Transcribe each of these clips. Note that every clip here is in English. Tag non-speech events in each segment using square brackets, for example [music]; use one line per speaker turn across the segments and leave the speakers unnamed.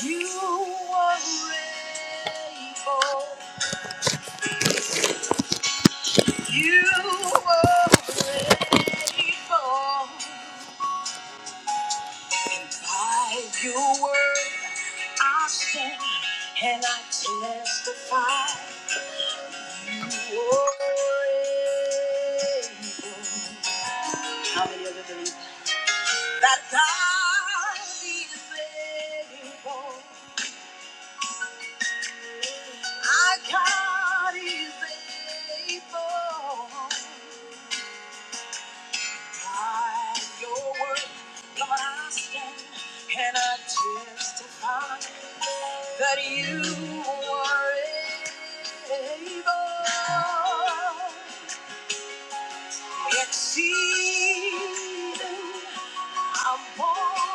You are faithful. You are faithful. And by your word, I stand and I testify. You are able. How many of believe that God is able? My God is faithful. By your word, Lord, I stand and I testify that you were able, exceeding abundantly,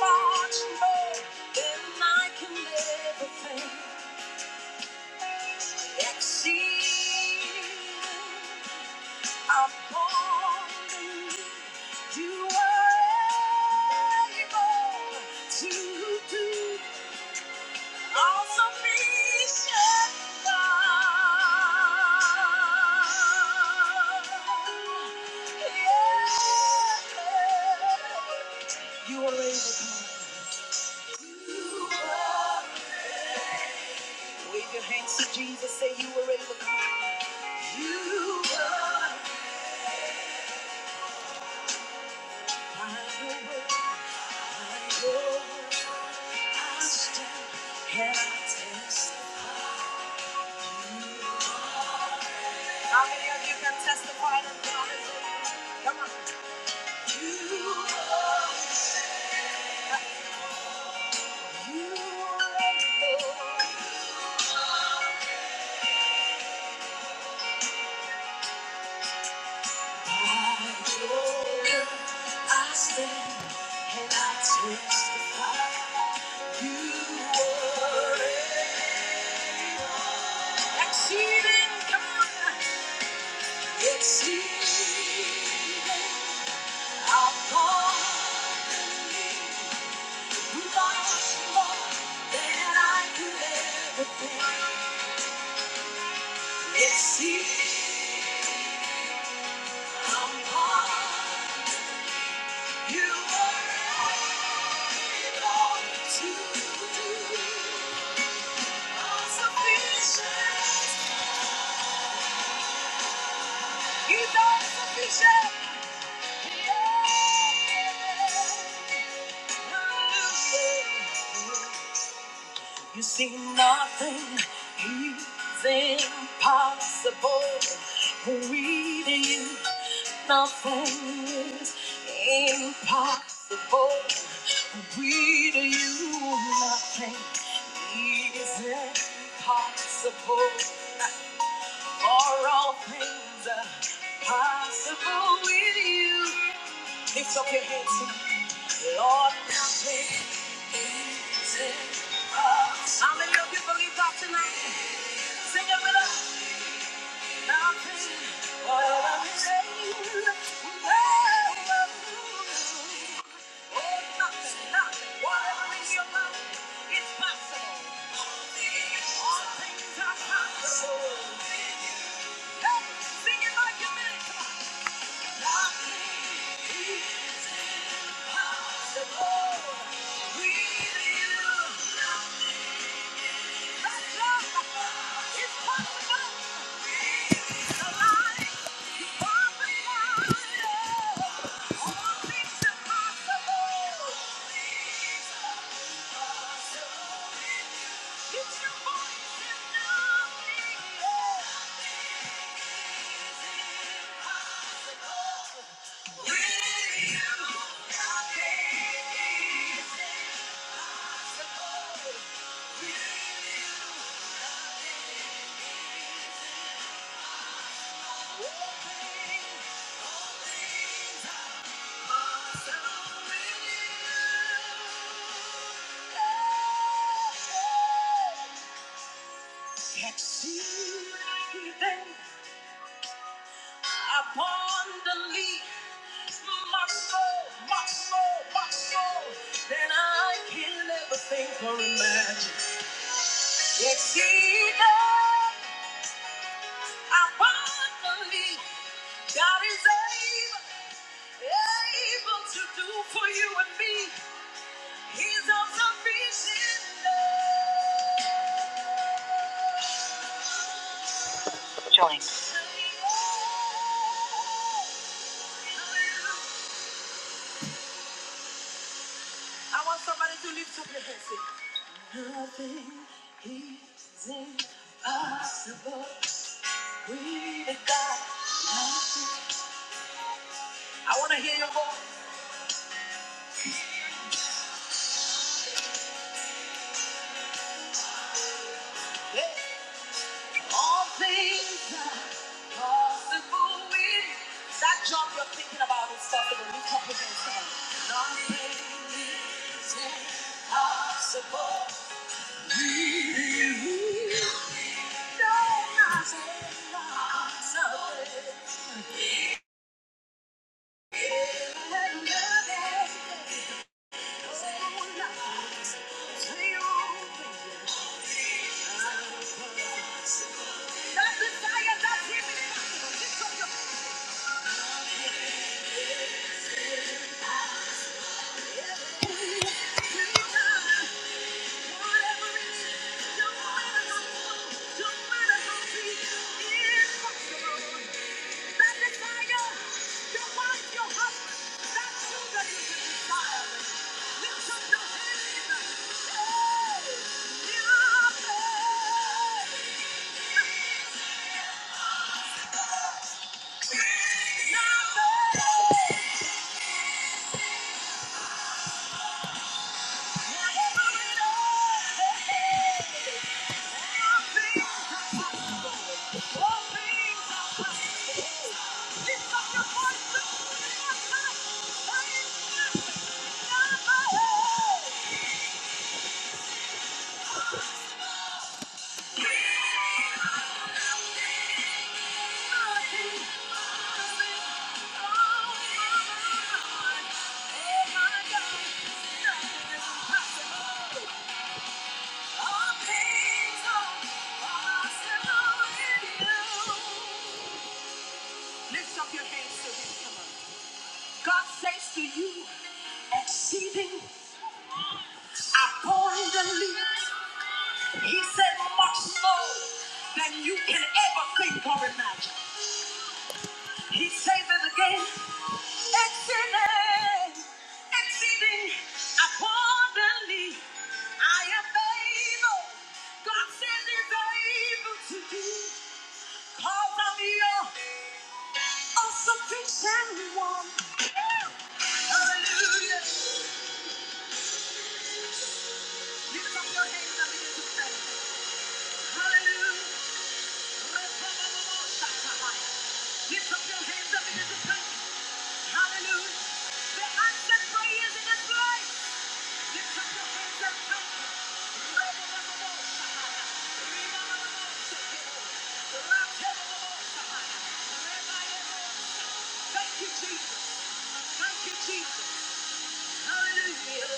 much more than I can ever think, exceeding abundantly. You are able to do all sufficient God. Yeah. You are able, come Wave your hands to Jesus, say you are able, come You are my hope, my hope, I stand, and I test. How many of you can testify to the hallelujah? Come on. You are You able. By your word, I stand and I testify. You are able. Exceeding, come on. Exceeding, abundantly, much more than I could ever think. It's he How far you are able to do. You Are sufficient. He's all sufficient. Yeah. yeah. Hallelujah. You see nothing is impossible with you. Nothing is impossible with you. Nothing is impossible for all things are possible with you. Lift up your hands, Lord. Nothing is impossible. How many of you believe God tonight? Sing it with us. Now sing. What I'm saying. Oh, nothing, nothing. Whatever is your mouth, it's possible. All things are possible. Hey, sing it like you mean it. Nothing is possible with you. nothing. All All things all things. Abundantly, my soul, my soul, my soul. Then I can never think or imagine. Exceeding abundantly, God is able, able to do for you and me. He's all sufficient. I want somebody to lift up your nothing is impossible with God. I want to hear your voice. Hey. All things are possible with that job you're thinking about is possible. Lift up your hands. Come on. Nothing is impossible. No, nothing, nothing. Nothing. whatever it is, no matter how deep, it's you. Thank you. Lift up your hands to Him. Come on. God says to you, exceeding abundantly. He said much more than you can ever think or imagine. He saveth again. exceeding, exceeding, abundantly. I am able. God says he's able to do. Cause I'm your all sufficient one. Hallelujah. Lift up your hands and begin to pray. Hallelujah. Lift up your hands and begin to pray. Hallelujah. The answer prayers in His life. Thank you, Jesus. Thank you, Jesus. Hallelujah.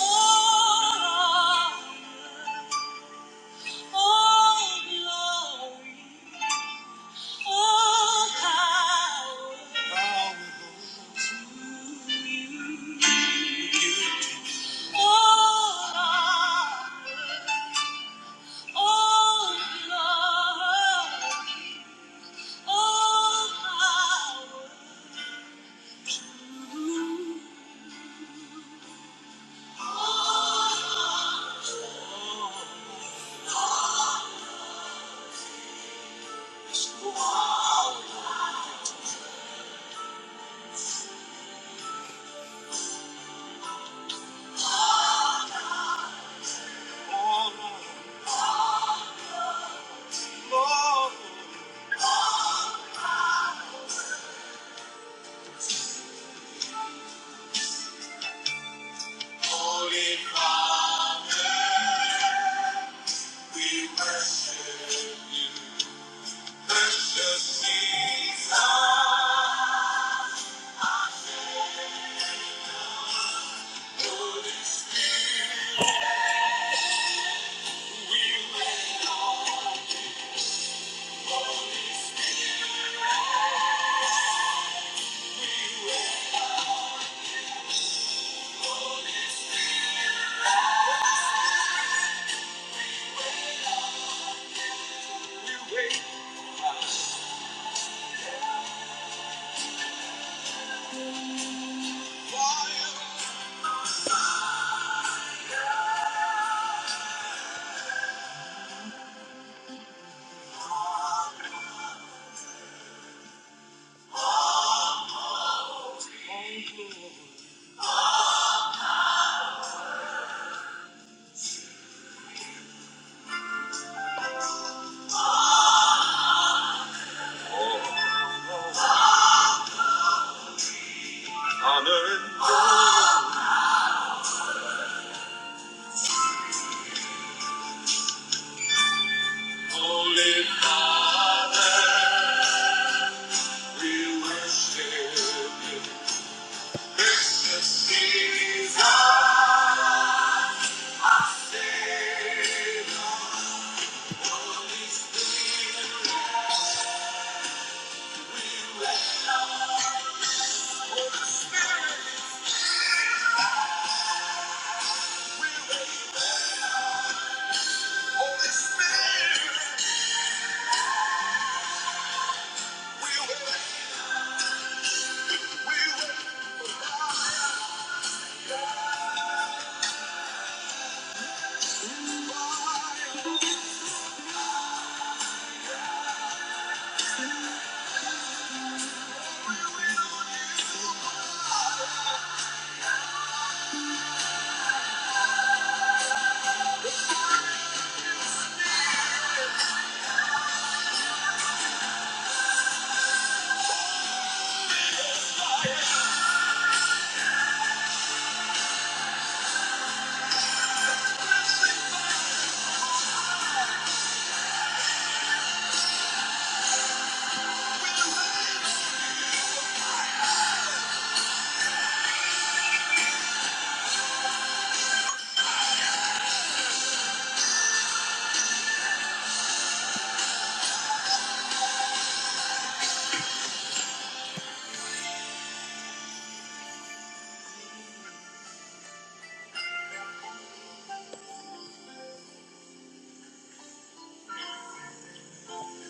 All, all glory, all power. All honor, all glory, all power. Holy Father, we worship you. Precious Jesus, Holy Spirit, we wait on you. Holy Spirit, we wait on you. Holy Spirit, we wait on you. Honored, Holy Father, we worship you. Precious Jesus, our Savior, Holy Spirit, we welcome Holy Spirit, we wait. Holy Spirit, we wait. we wait. we welcome.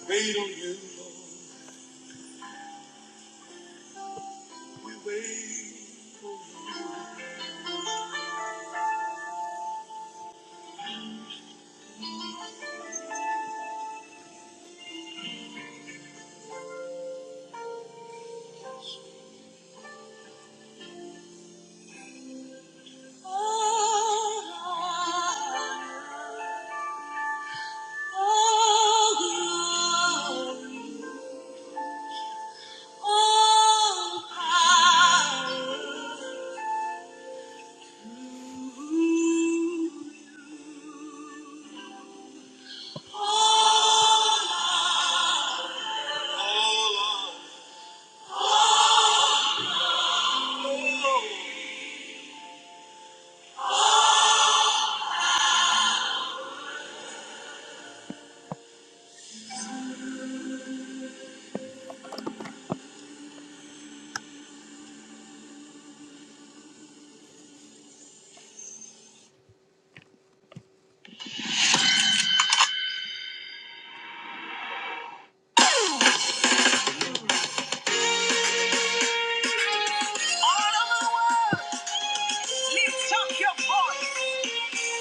Wait on you. All of my Oh, Lift up your voice.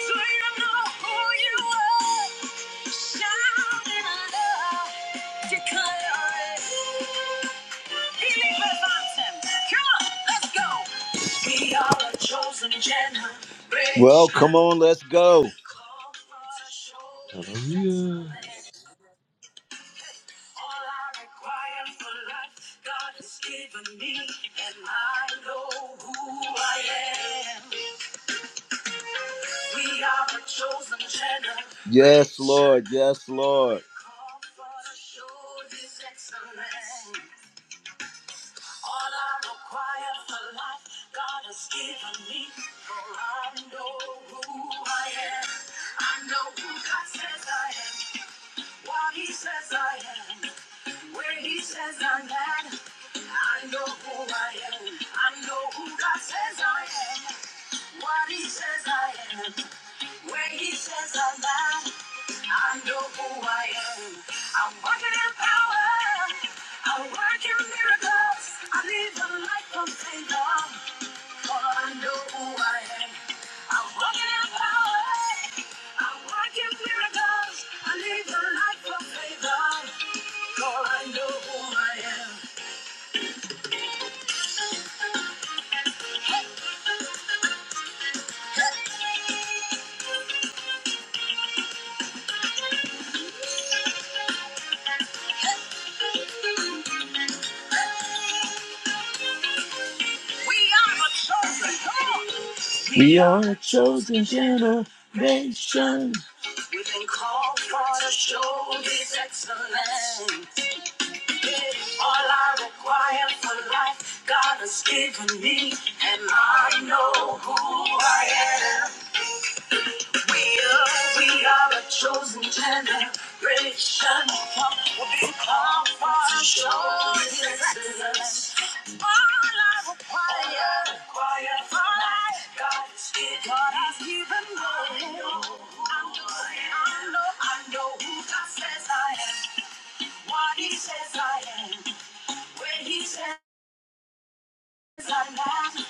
So you know who you are. Shout in love. Declare it. Believe it, Come on, let's go. We are a chosen generation. Well, come on, let's go. Called for to show His
Hallelujah.
excellence. All I require for life, God has given me, and I know who I am. Yes, Lord. Yes, Lord. I know who I am. I'm walking in power. I'm working miracles. I live a life of favor. For I know who I am. I'm walking in power. I'm working miracles. I live a life of favor. For I know who I am. We are a chosen people. We are a chosen generation. We've been called for to show this excellence. All I require for life, God has given me, and I know who I am. We are, we are a chosen generation, we come for sure. excellence. All I require, require for life, God has given, God has given me. I know, I know, I know I know who God says I am, what He says I am, where He says. I am.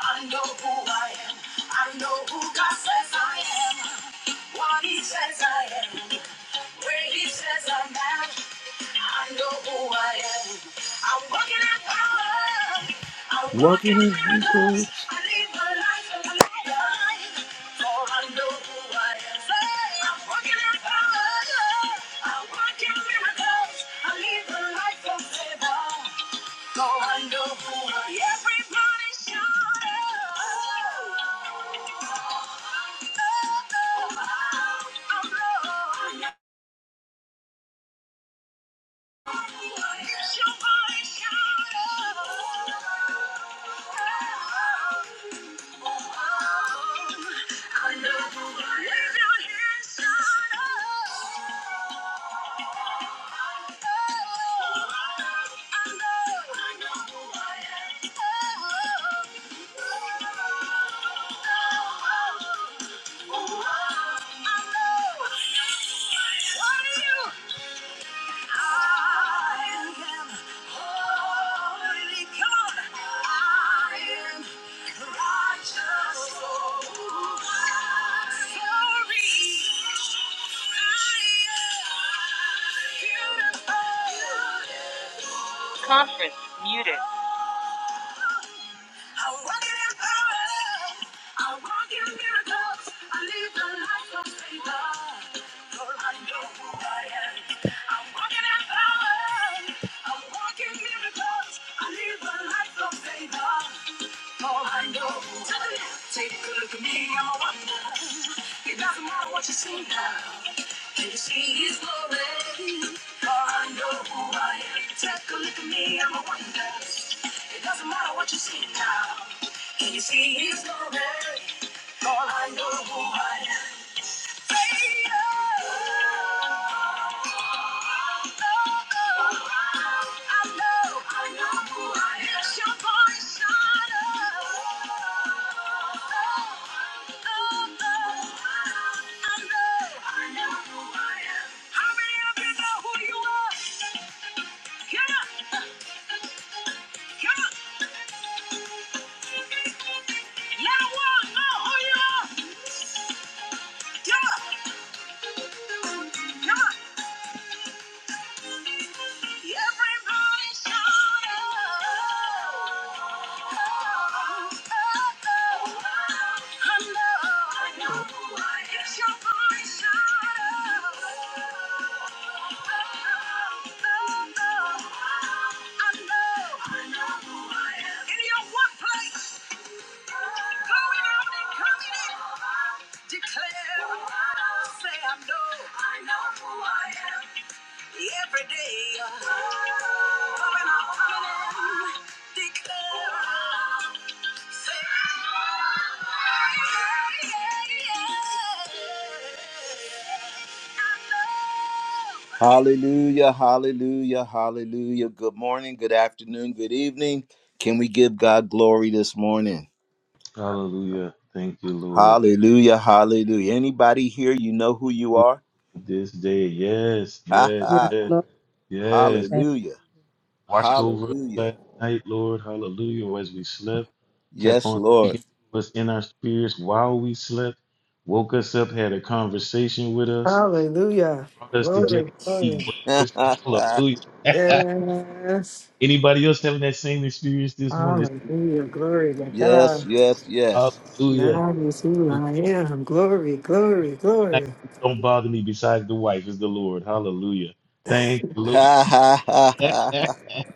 I know who I am. I know who God says I am. What He says I am. Where He says I'm at. I know who I am. I'm walking in power. I'm Walking in miracles. I live a life of light. For I know who I am. Hey, I'm walking in power. I'm walking miracles. I live a life of favor. I know, I know who I am. Muted. I walk in your power. I walk in miracles. I live the life of favor. For I know who I am. I walk in your power. I walk in miracles. I live the life of favor. All I know, take a good look at me, I'm a wonder. It doesn't matter what you see now. Can you see his glory? All I know who I am. Take a look at me, I'm a wonder. It doesn't matter what you see now. Can you see his glory? All I know who I am. Come on! Everybody shout out. I know, I know. It's your voice, shout out. I know, I know. In your workplace, going out and coming in, declare, say I know. I know who I am. Every day, pouring out my declare, say, yeah, yeah, yeah. Hallelujah, hallelujah, hallelujah. Good morning, good afternoon, good evening. Can we give God glory this morning?
Hallelujah. Thank you, Lord.
Hallelujah, hallelujah. Anybody here, you know who you are? [laughs]
This day, yes,
Ha
yes,
Yes,
ha.
yes,
Lord.
yes.
Hallelujah,
Watched over us
hallelujah.
last night, Lord. Hallelujah. As we slept, kept
Yes,
on
Lord.
speaking to us in our spirits while we slept, woke us up, had a conversation with us,
Hallelujah.
brought us together
Glory,
to eat
glory.
[laughs]
breakfast. Hallelujah. [laughs]
Yes.
Anybody else having that same experience this morning? It's
Hallelujah. Glory to
yes,
God.
yes, yes.
hallelujah.
That is who I am. Glory, glory, glory.
don't bother me besides the wife is the Lord. Hallelujah. Thank you,
[laughs]
Lord.
Ha ha ha ha.
[laughs]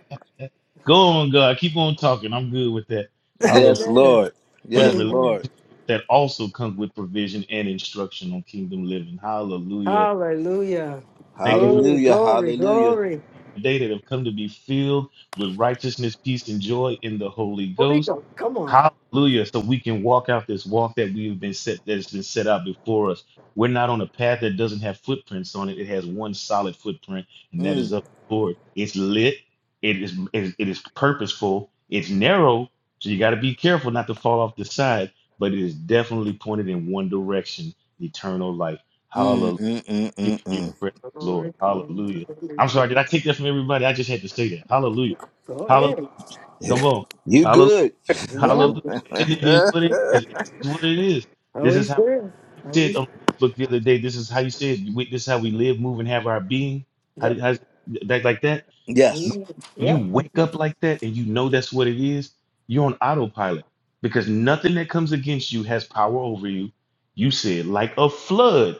Go on, God. Keep on talking. I'm good with that.
[laughs]
Hallelujah.
Yes,
Amen.
Lord.
For the
Yes,
relief
Amen.
Lord.
that also comes with provision and instruction on kingdom living. Hallelujah.
Hallelujah.
Thank you for
Glory,
Hallelujah.
glory,
Hallelujah.
glory.
the day that have come to be filled with righteousness, peace, and joy in the Holy
Holy
Ghost.
Ghost, come on.
Hallelujah. So we can walk out this walk that we've been set that has been set out before us. We're not on a path that doesn't have footprints on it. It has one solid footprint, and that is
Mm,
up the Lord. It's lit, it is it it is purposeful, it's narrow, so you gotta be careful not to fall off the side, but it is definitely pointed in one direction, eternal life.
mm,
Hallelujah.
mm, mm,
Give me Your
mm,
praise, Lord.
Glory, glory,
Hallelujah.
glory,
I'm
glory.
sorry, did I take that from everybody? I just had to say that. Hallelujah.
Go ahead.
Hallelujah.
mm.
Come
[laughs] You
on.
good.
Yeah.
Hallelujah. It is what it is. It is what it is. This
Holy
is how we
Spirit. Holy
said on
Spirit.
Facebook the other day. This is how you said. We, this is how we live, move, and have our being. How, did-
Yep.
how that like that?
[laughs]
When
yes.
Amen. Yep.
you wake up like that and you know that's what it is, you're on autopilot because nothing that comes against you has power over you. You said like a flood.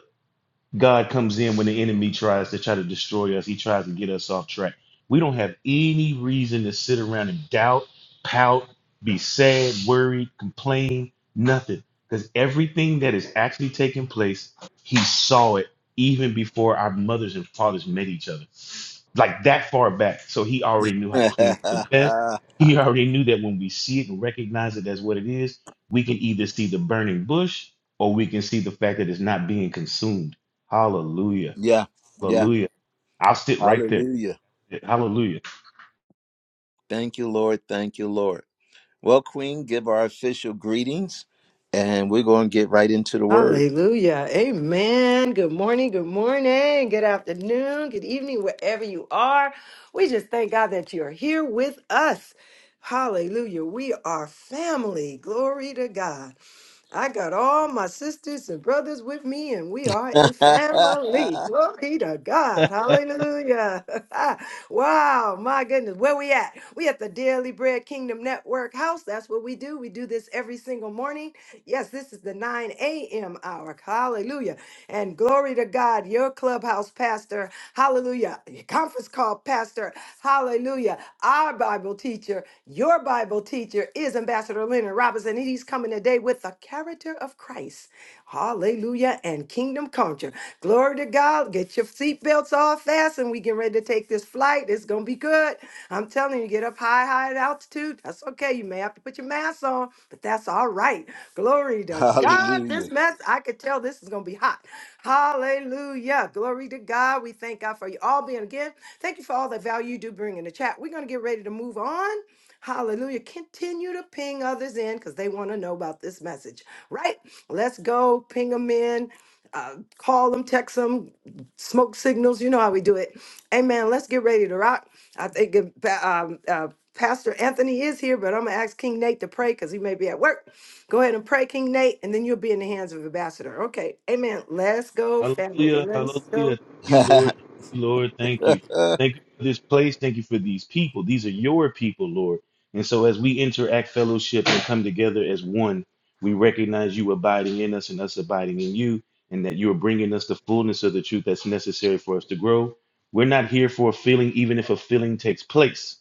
God comes in when the enemy tries to try to destroy us. He tries to get us off track. We don't have any reason to sit around and doubt, pout, be sad, worried, complain, nothing. Because everything that is actually taking place, he saw it even before our mothers and fathers met each other. Like that far back. So he already knew
[laughs]
how to clean up the mess. He already knew that when we see it and recognize it as what it is, we can either see the burning bush or we can see the fact that it's not being consumed Hallelujah.
yeah. Yeah.
Hallelujah. I'll sit right there.
Hallelujah.
Hallelujah.
Thank you, Lord. Thank you, Lord. Well, Queen, give our official greetings and we're going to get right into the word.
Hallelujah. Amen. Good morning. Good morning. Good afternoon. Good evening, wherever you are. We just thank God that you're here with us. Hallelujah. We are family. Glory to God. I got all my sisters and brothers with me, and we are a
[laughs]
family. Glory to God. Hallelujah. [laughs] wow. My goodness. Where we at? We at the Daily Bread Kingdom Network house. That's what we do. We do this every single morning. Yes, this is the 9 a.m. hour. Hallelujah. And glory to God, your clubhouse pastor. Hallelujah. Your conference call pastor. Hallelujah. Our Bible teacher. Your Bible teacher is Ambassador Leonard Robinson, and he's coming today with the character of Christ. Hallelujah and kingdom culture. Glory to God. Get your seatbelts off fast, and we get ready to take this flight. It's going to be good. I'm telling you, get up high, high at altitude. That's okay. You may have to put your mask on, but that's all right. Glory to God.
Hallelujah.
This mess, I could tell this is going to be hot. Hallelujah. Glory to God. We thank God for you all being again. Thank you for all the value you do bring in the chat. We're going to get ready to move on. Hallelujah. Continue to ping others in because they want to know about this message, right? Let's go ping them in, uh, call them, text them, smoke signals. You know how we do it. Amen. Let's get ready to rock. I think if, um, uh, Pastor Anthony is here, but I'm going to ask King Nate to pray because he may be at work. Go ahead and pray, King Nate, and then you'll be in the hands of Ambassador. Okay. Amen. Let's go, family.
Hallelujah.
Let's
Hallelujah.
go.
Thank You, Lord.
[laughs]
Thank You, Lord. Thank you. Thank you for this place. Thank you for these people. These are your people, Lord. And so as we interact fellowship and come together as one, we recognize you abiding in us and us abiding in you, and that you are bringing us the fullness of the truth that's necessary for us to grow. We're not here for a feeling, even if a feeling takes place.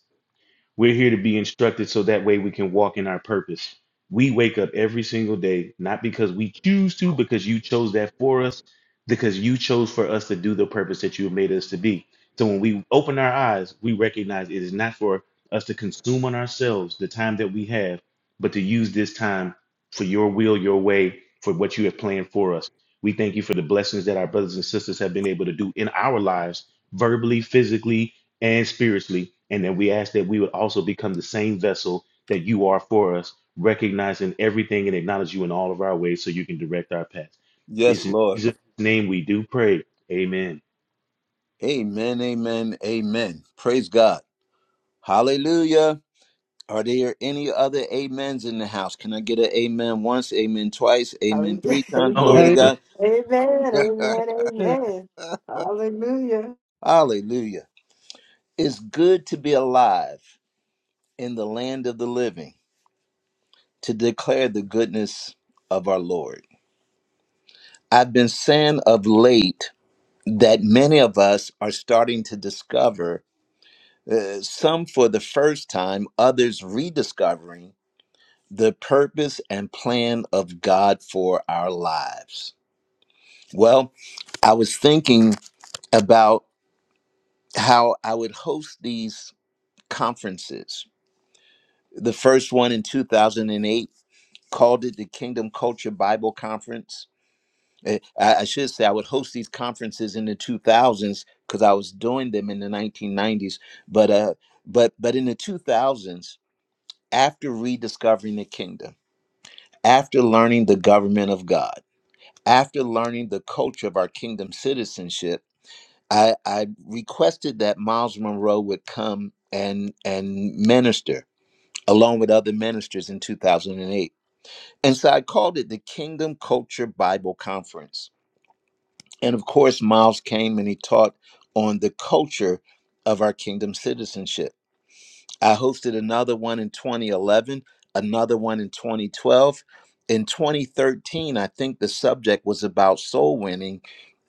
We're here to be instructed so that way we can walk in our purpose. We wake up every single day, not because we choose to, because you chose that for us, because you chose for us to do the purpose that you have made us to be. So when we open our eyes, we recognize it is not for us to consume on ourselves the time that we have, but to use this time for your will, your way, for what you have planned for us. We thank you for the blessings that our brothers and sisters have been able to do in our lives, verbally, physically, and spiritually, and that we ask that we would also become the same vessel that you are for us, recognizing everything and acknowledge you in all of our ways so you can direct our paths. This
yes,
in
Lord.
Jesus' name we do pray. Amen.
Amen, amen, amen. Praise God. Hallelujah. Are there any other amens in the house? Can I get an amen once, amen twice, amen
Hallelujah. [laughs]
three times? Glory to
Amen.
Hallelujah.
Amen.
God.
Amen. Amen.
Amen.
Amen. Hallelujah.
Hallelujah. It's good to be alive in the land of the living to declare the goodness of our Lord. I've been saying of late that many of us are starting to discover uh, some for the first time, others rediscovering the purpose and plan of God for our lives. Well, I was thinking about how I would host these conferences. The first one in 2008 called it the Kingdom Culture Bible Conference. Eh, I I should say I would host these conferences in the 2000s because I was doing them in the 1990s. But uh, but but in the 2000s, after rediscovering the kingdom, after learning the government of God, after learning the culture of our kingdom citizenship, I, I requested that Miles Monroe would come and and minister along with other ministers in 2008. And eight. And so I called it the Kingdom Culture Bible Conference. And of course, Miles came and he taught on the culture of our kingdom citizenship. I hosted another one in 2011, another one in 2012. In 2013, I think the subject was about soul winning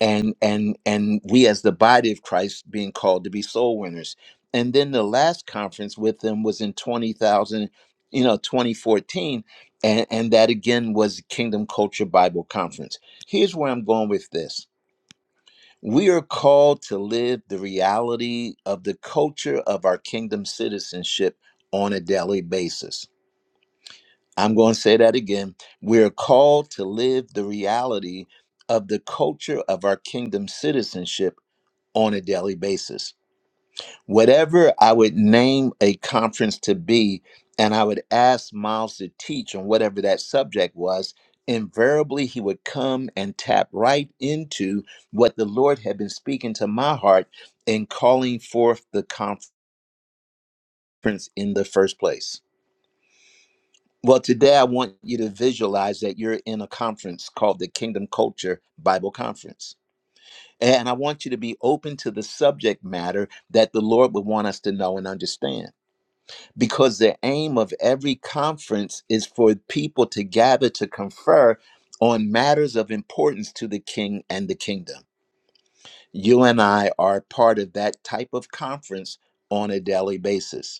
and and and we as the body of Christ being called to be soul winners. And then the last conference with them was in 20,000, you know, 2014 and and that again was Kingdom Culture Bible Conference. Here's where I'm going with this we are called to live the reality of the culture of our kingdom citizenship on a daily basis. I'm going to say that again. We are called to live the reality of the culture of our kingdom citizenship on a daily basis whatever I would name a conference to be, and I would ask Miles to teach on whatever that subject was, invariably he would come and tap right into what the Lord had been speaking to my heart in calling forth the conference in the first place. Well, today I want you to visualize that you're in a conference called the Kingdom Culture Bible Conference. And I want you to be open to the subject matter that the Lord would want us to know and understand. because the aim of every conference is for people to gather to confer on matters of importance to the king and the kingdom. You and I are part of that type of conference on a daily basis.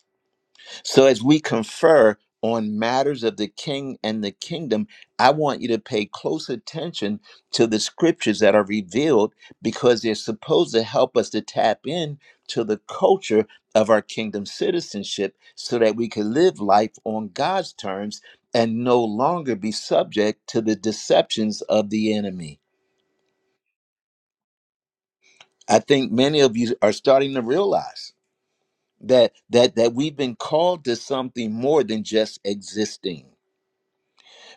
So as we confer on matters of the king and the kingdom, I want you to pay close attention to the scriptures that are revealed because they're supposed to help us to tap in to the culture of our kingdom citizenship so that we can live life on God's terms and no longer be subject to the deceptions of the enemy. I think many of you are starting to realize that that that we've been called to something more than just existing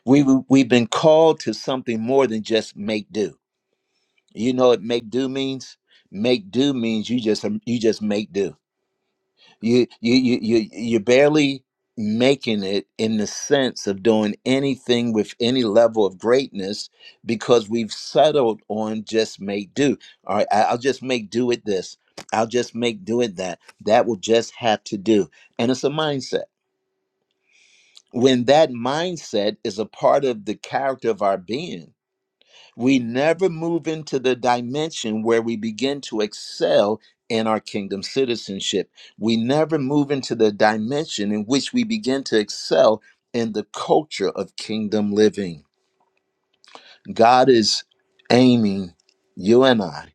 We we- have been called to something more than just make do. You know what make do means? Make do means you just um, you just make do. You you you you you're barely making it in the sense of doing anything with any level of greatness because we've settled on just make do. All right, I- I'll just make do with this. I'll just make do with that. That will just have to do. And it's a mindset. When that mindset is a part of the character of our being we never move into the dimension where we begin to excel in our kingdom citizenship. We never move into the dimension in which we begin to excel in the culture of kingdom living. God is aiming you and I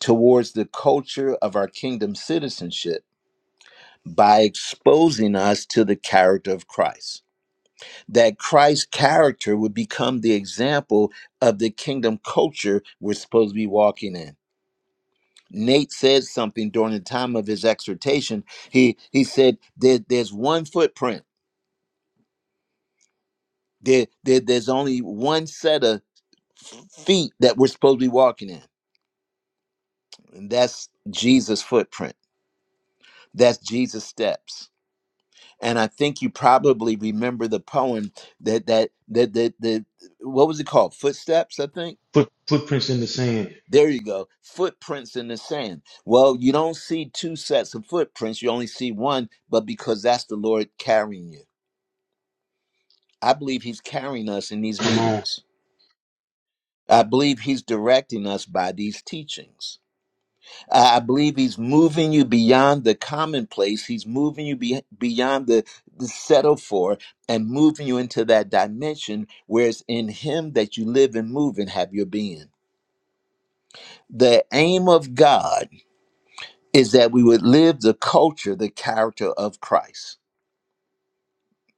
towards the culture of our kingdom citizenship by exposing us to the character of Christ. That Christ's character would become the example of the kingdom culture we're supposed to be walking in Nate said something during the time of his exhortation. He he said there, there's one footprint. There, there there's only one set of feet that we're supposed to be walking in. And that's Jesus' footprint. That's Jesus' steps. And I think you probably remember the poem that that that that, that what was it called? Footsteps, I think.
Foot, footprints in the sand.
There you go. Footprints in the sand. Well, you don't see two sets of footprints. You only see one, but because that's the Lord carrying you I believe he's carrying us in these
Come on.
meetings. I believe he's directing us by these teachings. I I believe he's moving you beyond the commonplace. He's moving you be- beyond the, the settle for and moving you into that dimension where it's in him that you live and move and have your being. The aim of God is that we would live the culture, the character of Christ.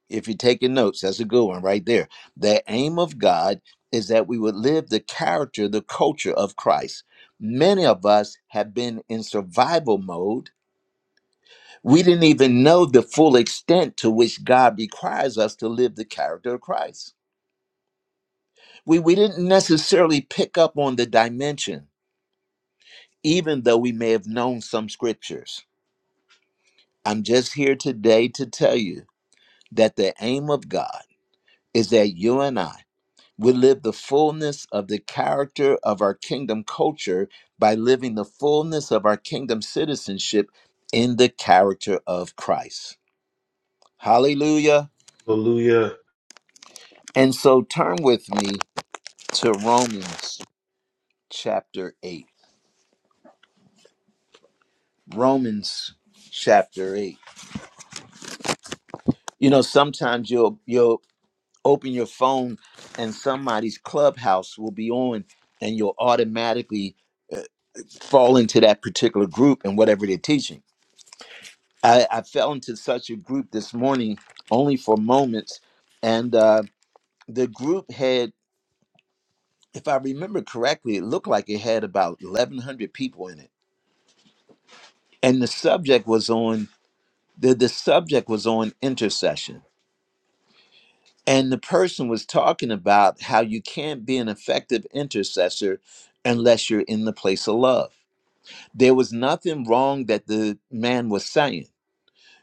if you're taking notes, that's a good one right there. The aim of God is that we would live the character, the culture of Christ. Many of us have been in survival mode. We didn't even know the full extent to which God requires us to live the character of Christ. We, we didn't necessarily pick up on the dimension, even though we may have known some scriptures. I'm just here today to tell you that the aim of God is that you and I We live the fullness of the character of our kingdom culture by living the fullness of our kingdom citizenship in the character of Christ. Hallelujah.
Hallelujah.
And so turn with me to Romans chapter 8. Romans chapter 8. You know, sometimes you'll you'll open your phone and somebody's clubhouse will be on and you'll automatically fall into that particular group and whatever they're teaching I, I fell into such a group this morning only for moments. And uh, the group had, if I remember correctly, it looked like it had about 1,100 people in it. And the subject was on, the, the subject was on intercession. And the person was talking about how you can't be an effective intercessor unless you're in the place of love. There was nothing wrong that the man was saying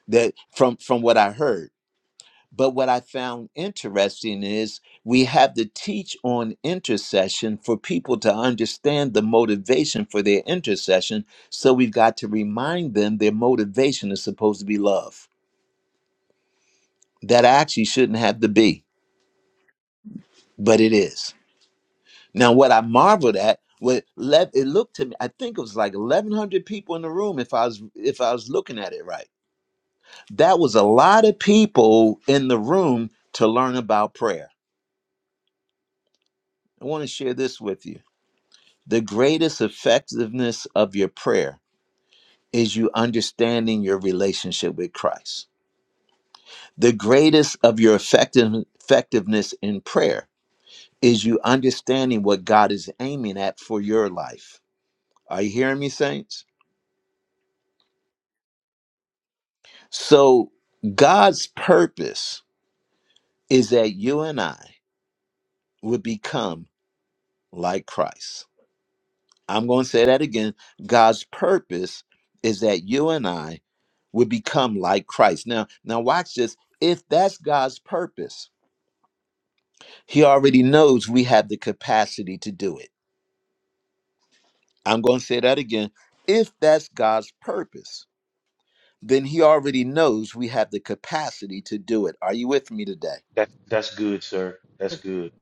that from from what I heard But what I found interesting is we have to teach on intercession for people to understand the motivation for their intercession. So we've got to remind them their motivation is supposed to be love. That actually shouldn't have to be, but it is. Now, what I marveled at, what let it looked to me, I think it was like 1,100 people in the room. If I was if I was looking at it right, that was a lot of people in the room to learn about prayer. I want to share this with you The greatest effectiveness of your prayer is you understanding your relationship with Christ. The greatest of your effective, effectiveness in prayer is you understanding what God is aiming at for your life. Are you hearing me, saints? So, God's purpose is that you and I would become like Christ. I'm going to say that again. God's purpose is that you and I would become like Christ. Now, now watch this. If that's God's purpose, he already knows we have the capacity to do it. I'm going to say that again. If that's God's purpose, then he already knows we have the capacity to do it. Are you with me today?
That, that's good, sir. That's good.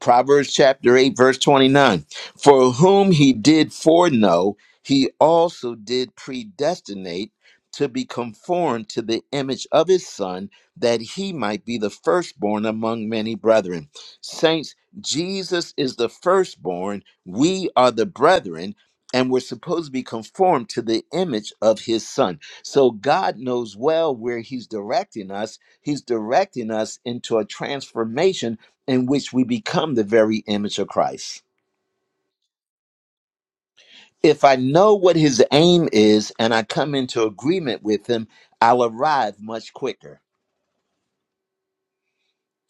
Proverbs chapter 8, verse 29. For whom he did foreknow, he also did predestinate to be conformed to the image of his son, that he might be the firstborn among many brethren. Saints, Jesus is the firstborn. We are the brethren. And we're supposed to be conformed to the image of his son. So God knows well where he's directing us. He's directing us into a transformation in which we become the very image of Christ. If I know what his aim is and I come into agreement with him, I'll arrive much quicker.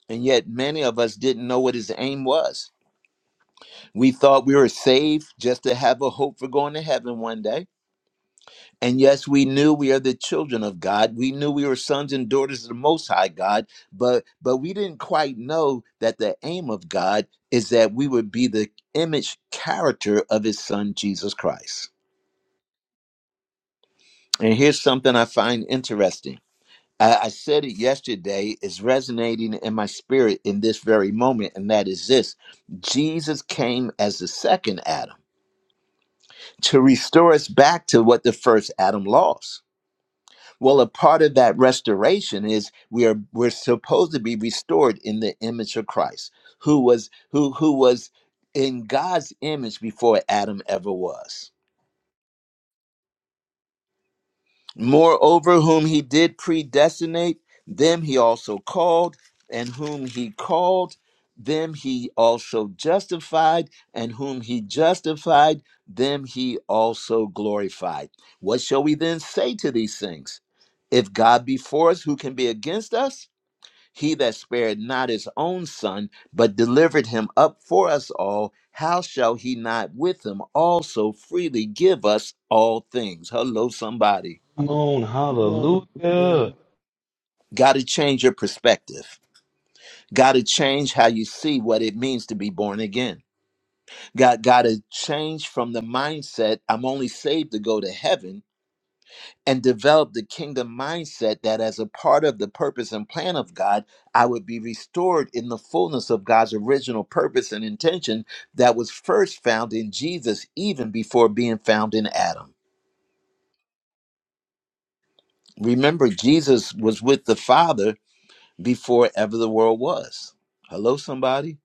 And yet, many of us didn't know what his aim was. We thought we were saved just to have a hope for going to heaven one day. And yes, we knew we are the children of God. We knew we were sons and daughters of the Most High God, but but we didn't quite know that the aim of God is that we would be the image character of His Son Jesus Christ. And here's something I find interesting. I, I said it yesterday, it's resonating in my spirit in this very moment, and that is this Jesus came as the second Adam to restore us back to what the first Adam lost. Well, a part of that restoration is we are we're supposed to be restored in the image of Christ, who was who who was in God's image before Adam ever was. Moreover, whom he did predestinate, them he also called, and whom he called, them he also justified, and whom he justified, them he also glorified. What shall we then say to these things? If God be for us, who can be against us? He that spared not his own son, but delivered him up for us all, how shall he not with him also freely give us all things? Hello, somebody.
Come on.
Mm, Yeah.
Hallelujah.
Got to change your perspective. Got to change how you see what it means to be born again. Got got to change from the mindset I'm only saved to go to heaven and develop the kingdom mindset that as a part of the purpose and plan of God, I would be restored in the fullness of God's original purpose and intention that was first found in Jesus even before being found in Adam. Remember Jesus was with the Father before ever the world was. Hello somebody?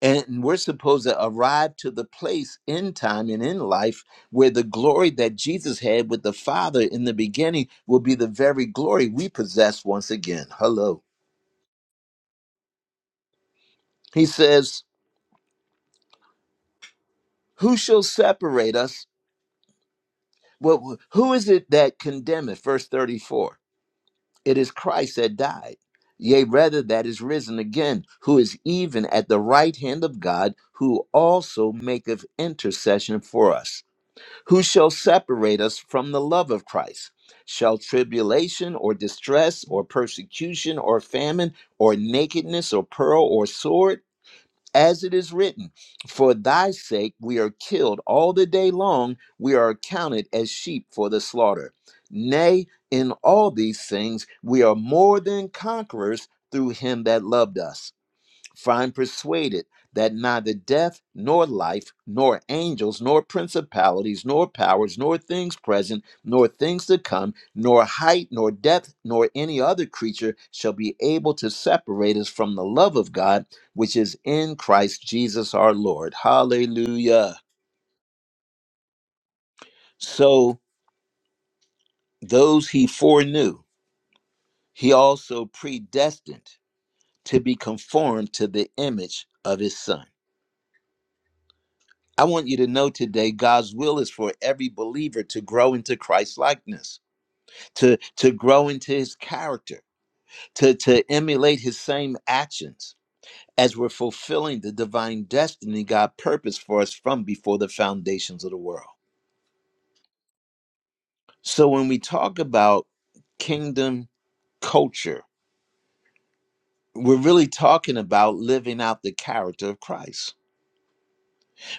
And we're supposed to arrive to the place in time and in life where the glory that Jesus had with the Father in the beginning will be the very glory we possess once again. Hello. He says, Who shall separate us? Well, who is it that condemneth? Verse 34 It is Christ that died, yea, rather that is risen again, who is even at the right hand of God, who also maketh intercession for us. Who shall separate us from the love of Christ? Shall tribulation or distress or persecution or famine or nakedness or peril or sword? As it is written, For thy sake we are killed all the day long, we are accounted as sheep for the slaughter. Nay, in all these things we are more than conquerors through him that loved us. For I'm persuaded that neither death, nor life, nor angels, nor principalities, nor powers, nor things present, nor things to come, nor height, nor depth, nor any other creature shall be able to separate us from the love of God, which is in Christ Jesus our Lord. Hallelujah. So those he foreknew, he also predestined to be conformed to the image of his Son I want you to know today God's will is for every believer to grow into Christ likeness, to, to grow into his character, to, to emulate his same actions as we're fulfilling the divine destiny God purposed for us from before the foundations of the world. So when we talk about kingdom culture, we're really talking about living out the character of Christ.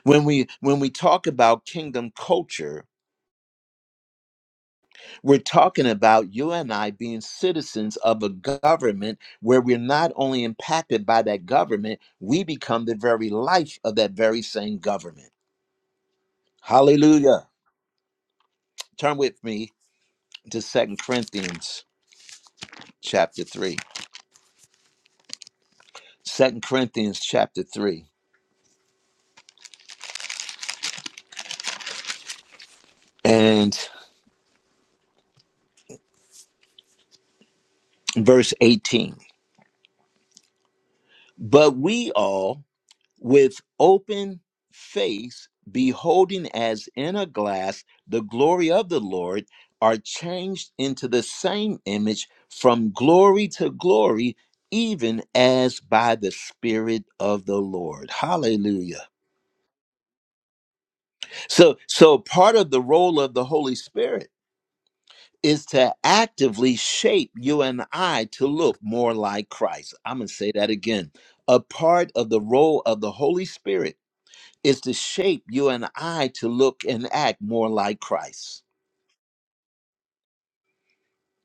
When we when we talk about kingdom culture, We're talking about you and I being citizens of a government where we're not only impacted by that government, we become the very life of that very same government. Hallelujah. Turn with me to Second Corinthians chapter 3. 2 Corinthians chapter 3 and verse 18. But we all, with open face, beholding as in a glass the glory of the Lord, are changed into the same image from glory to glory, even as by the Spirit of the Lord. Hallelujah. So, so part of the role of the Holy Spirit is to actively shape you and I to look more like Christ. I'm going to say that again. A part of the role of the Holy Spirit is to shape you and I to look and act more like Christ.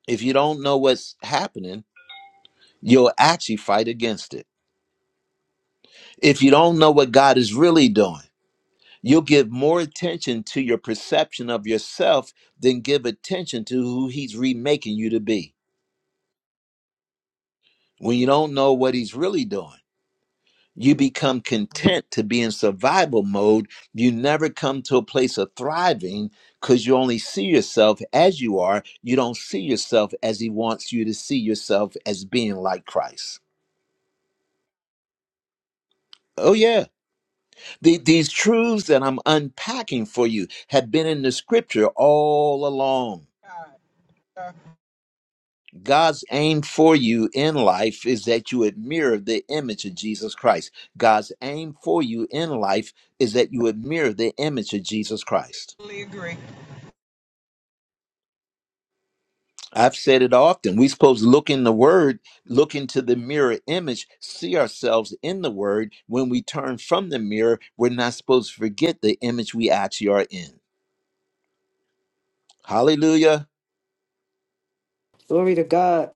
If you don't know what's happening, you'll actually fight against it. If you don't know what God is really doing, you'll give more attention to your perception of yourself than give attention to who He's remaking you to be. When you don't know what He's really doing, You become content to be in survival mode. You never come to a place of thriving because you only see yourself as you are. You don't see yourself as He wants you to see yourself as being like Christ. Oh, yeah. The, these truths that I'm unpacking for you have been in the scripture all along.
Yeah, I
God's aim for you in life is that you would mirror the image of Jesus Christ. God's aim for you in life is that you would mirror the image of Jesus Christ.
totally agree.
I've said it often. We're supposed to look in the word, look into the mirror image, see ourselves in the word. When we turn from the mirror, we're not supposed to forget the image we actually are in. Hallelujah.
Glory to God.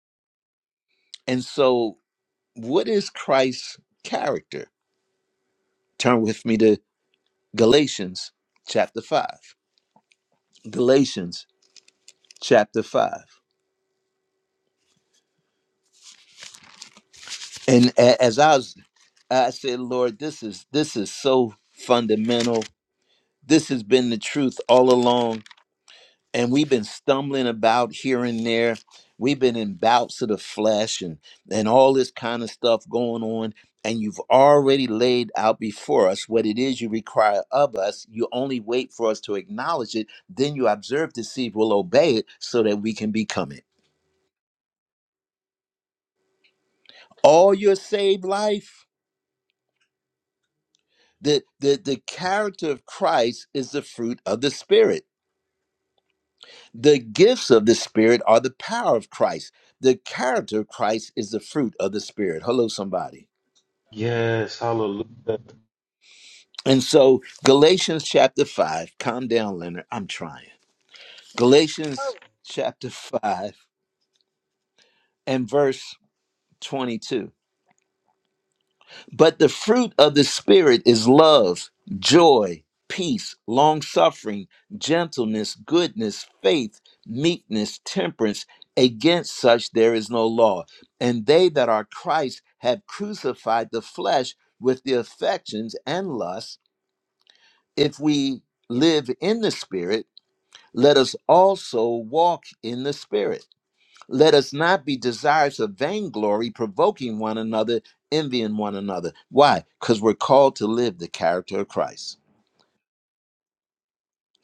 And so, what is Christ's character? Turn with me to Galatians chapter 5. Galatians chapter 5. And a- as I was I said, Lord, this is this is so fundamental. This has been the truth all along and we've been stumbling about here and there. We've been in bouts of the flesh and and all this kind of stuff going on. And you've already laid out before us what it is you require of us. You only wait for us to acknowledge it. Then you observe to see if we'll obey it so that we can become it. All your saved life, the, the, the character of Christ is the fruit of the Spirit The gifts of the Spirit are the power of Christ. The character of Christ is the fruit of the Spirit. Hello, somebody.
Yes. Hallelujah.
And so, Galatians chapter 5, calm down, Leonard. I'm trying. Galatians
Oh,
chapter [laughs] 5 and verse 22. But the fruit of the Spirit is love, joy, peace, long suffering, gentleness, goodness, faith, meekness, temperance. Against such there is no law. And they that are Christ have crucified the flesh with the affections and lusts. If we live in the Spirit, let us also walk in the Spirit. Let us not be desirous of vainglory, provoking one another, envying one another. Why? Because we're called to live the character of Christ.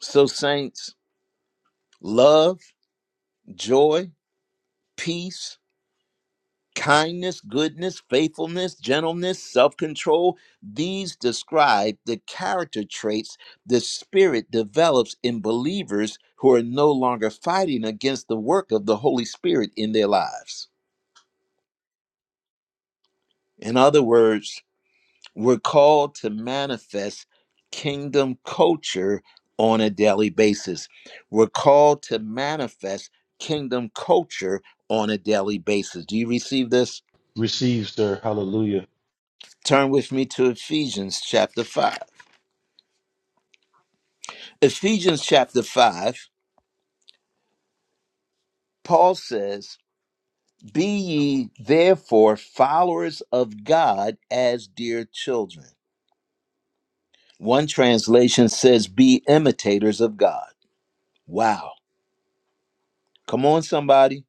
So, saints, love, joy, peace, kindness, goodness, faithfulness, gentleness, self control, these describe the character traits the Spirit develops in believers who are no longer fighting against the work of the Holy Spirit in their lives. In other words, We're called to manifest kingdom culture on a daily basis. We're called to manifest kingdom culture on a daily basis. Do you receive this?
Receive, sir. Hallelujah.
Turn with me to Ephesians chapter 5. Ephesians chapter 5, Paul says, Be ye therefore followers of God as dear children. One translation says, Be imitators of God. Wow. Come on, somebody.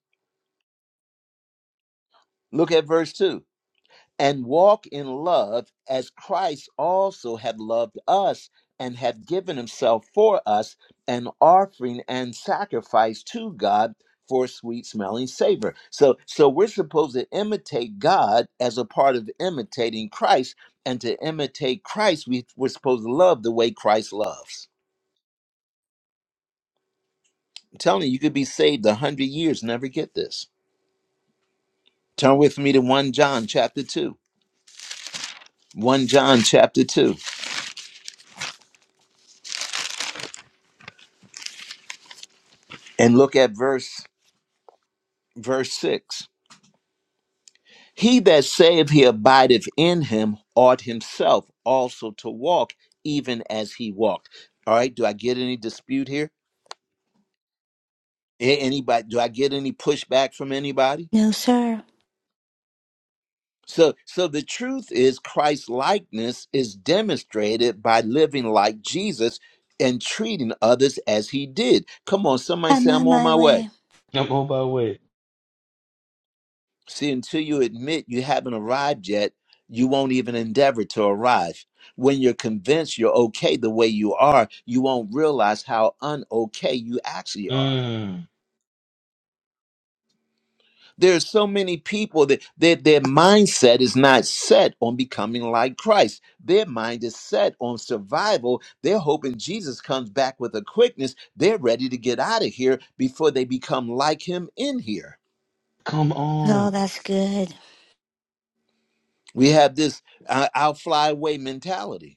Look at verse 2 and walk in love as Christ also had loved us and had given himself for us an offering and sacrifice to God for sweet smelling savor. So so we're supposed to imitate God as a part of imitating Christ and to imitate Christ we, we're supposed to love the way Christ loves. I'm telling you you could be saved a hundred years never get this. Turn with me to 1 John chapter 2. 1 John chapter 2 and look at verse verse 6 He that saith he abideth in him ought himself also to walk even as he walked. All right, do I get any dispute here? A- Anybody do I get any pushback from anybody?
No, sir.
So so the truth is Christ's likeness is demonstrated by living like Jesus and treating others as he did. Come on, somebody
I'm
say I'm
on
on
my
my way.
way.
Come on by way.
See, until you admit you haven't arrived yet, you won't even endeavor to arrive. When you're convinced you're okay the way you are, you won't realize how unokay you actually are.
Mm.
There are so many people that, that their mindset is not set on becoming like Christ. Their mind is set on survival. They're hoping Jesus comes back with a quickness. They're ready to get out of here before they become like him in here.
Come on.
Oh, that's good.
We have this uh, I'll fly away mentality.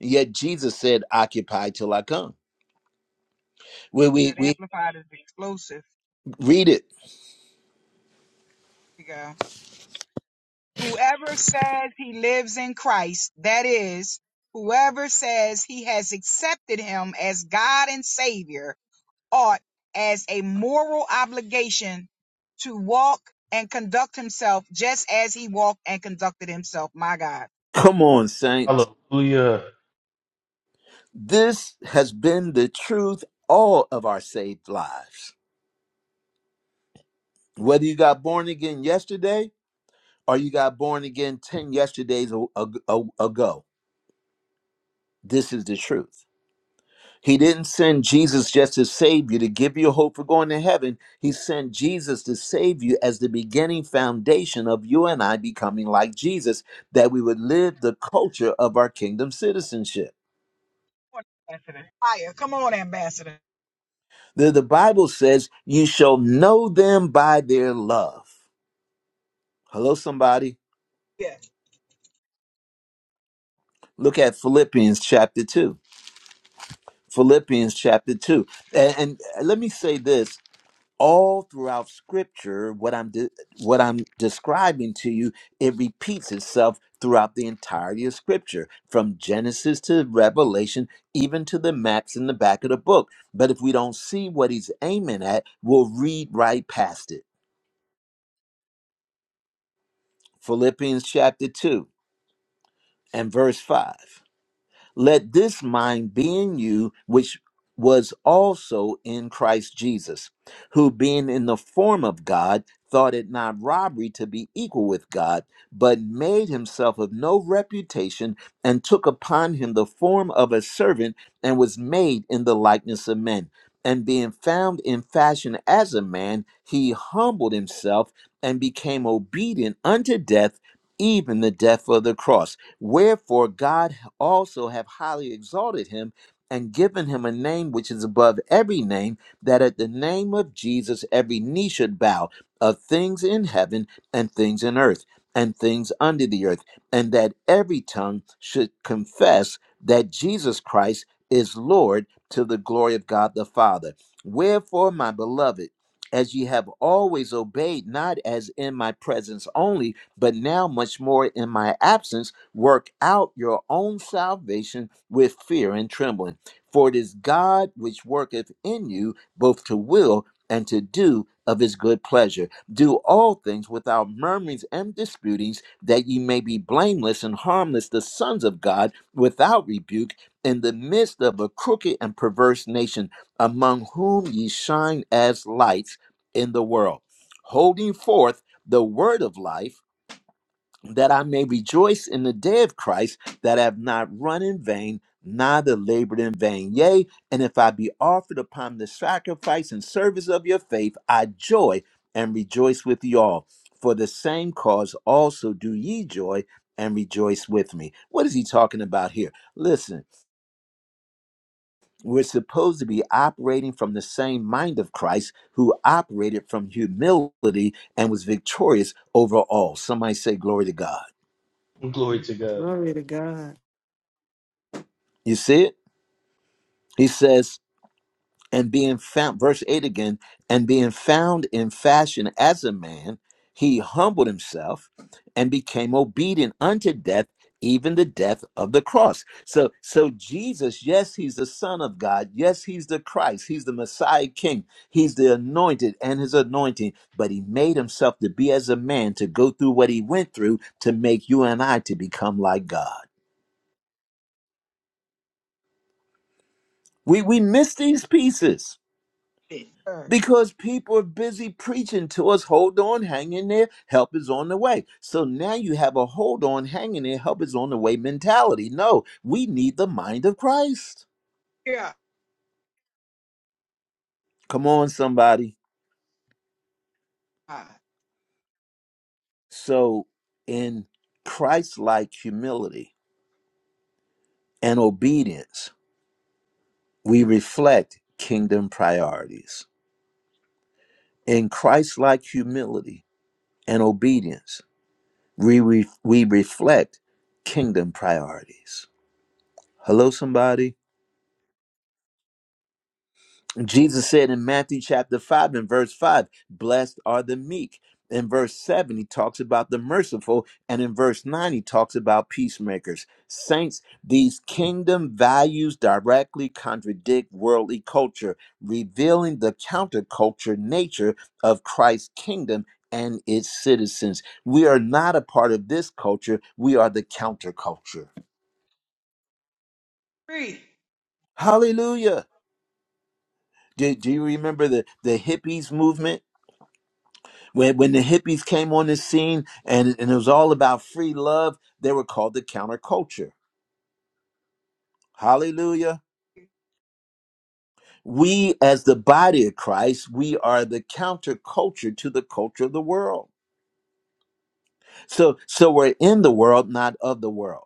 Yet Jesus said, Occupy till I come. We, we,
that
we
amplified is explosive.
read it.
Here we go. Whoever says he lives in Christ, that is, whoever says he has accepted him as God and Savior, ought, as a moral obligation, to walk and conduct himself just as he walked and conducted himself. My God.
Come on, saints.
Hallelujah.
This has been the truth all of our saved lives. Whether you got born again yesterday or you got born again 10 yesterdays a- a- a- ago, this is the truth. He didn't send Jesus just to save you, to give you hope for going to heaven. He sent Jesus to save you as the beginning foundation of you and I becoming like Jesus, that we would live the culture of our kingdom citizenship.
Come on, Ambassador. Fire. Come on, Ambassador.
The, the Bible says, You shall know them by their love. Hello, somebody.
Yeah.
Look at Philippians chapter 2. Philippians chapter 2. And, and let me say this all throughout scripture what i'm de- what i'm describing to you it repeats itself throughout the entirety of scripture from genesis to revelation even to the maps in the back of the book but if we don't see what he's aiming at we'll read right past it philippians chapter 2 and verse 5 Let this mind be in you, which was also in Christ Jesus, who being in the form of God, thought it not robbery to be equal with God, but made himself of no reputation, and took upon him the form of a servant, and was made in the likeness of men. And being found in fashion as a man, he humbled himself and became obedient unto death, even the death of the cross Wherefore God also have highly exalted him and given him a name which is above every name, that at the name of Jesus every knee should bow of things in heaven and things in earth and things under the earth, and that every tongue should confess that Jesus Christ is Lord to the glory of God the Father. Wherefore, my beloved, as ye have always obeyed, not as in my presence only, but now much more in my absence Work out your own salvation with fear and trembling, for it is God which worketh in you both to will and to do of his good pleasure. Do all things without murmurings and disputings, that ye may be blameless and harmless, the sons of God, without rebuke, in the midst of a crooked and perverse nation, among whom ye shine as lights in the world, holding forth the word of life that I may rejoice in the day of Christ, that I have not run in vain, neither labored in vain. Yea, and if I be offered upon the sacrifice and service of your faith, I joy and rejoice with you all. For the same cause also do ye joy and rejoice with me. What is he talking about here? Listen, we're supposed to be operating from the same mind of Christ who operated from humility and was victorious over all. Somebody say, Glory to God.
Glory to God.
Glory to God.
You see it? He says, and being found, verse 8 again, and being found in fashion as a man, he humbled himself and became obedient unto death, even the death of the cross. So, so Jesus, yes, he's the Son of God. Yes, he's the Christ. He's the Messiah King. He's the anointed and his anointing. But he made himself to be as a man to go through what he went through to make you and I to become like God. We we miss these pieces.
Sure.
Because people are busy preaching to us, hold on, hang in there, help is on the way. So now you have a hold on, hang in there, help is on the way mentality. No, we need the mind of Christ.
Yeah.
Come on, somebody. So, in Christ like humility and obedience, we reflect kingdom priorities. In Christ like humility and obedience, we, re- we reflect kingdom priorities. Hello, somebody. Jesus said in Matthew chapter 5 and verse 5, blessed are the meek. In verse 7, he talks about the merciful. And in verse 9, he talks about peacemakers. Saints, these kingdom values directly contradict worldly culture, revealing the counterculture nature of Christ's kingdom and its citizens. We are not a part of this culture, we are the counterculture.
Free.
Hallelujah. Do, do you remember the, the hippies movement? When, when the hippies came on the scene and, and it was all about free love, they were called the counterculture. Hallelujah. We, as the body of Christ, we are the counterculture to the culture of the world. So, so we're in the world, not of the world.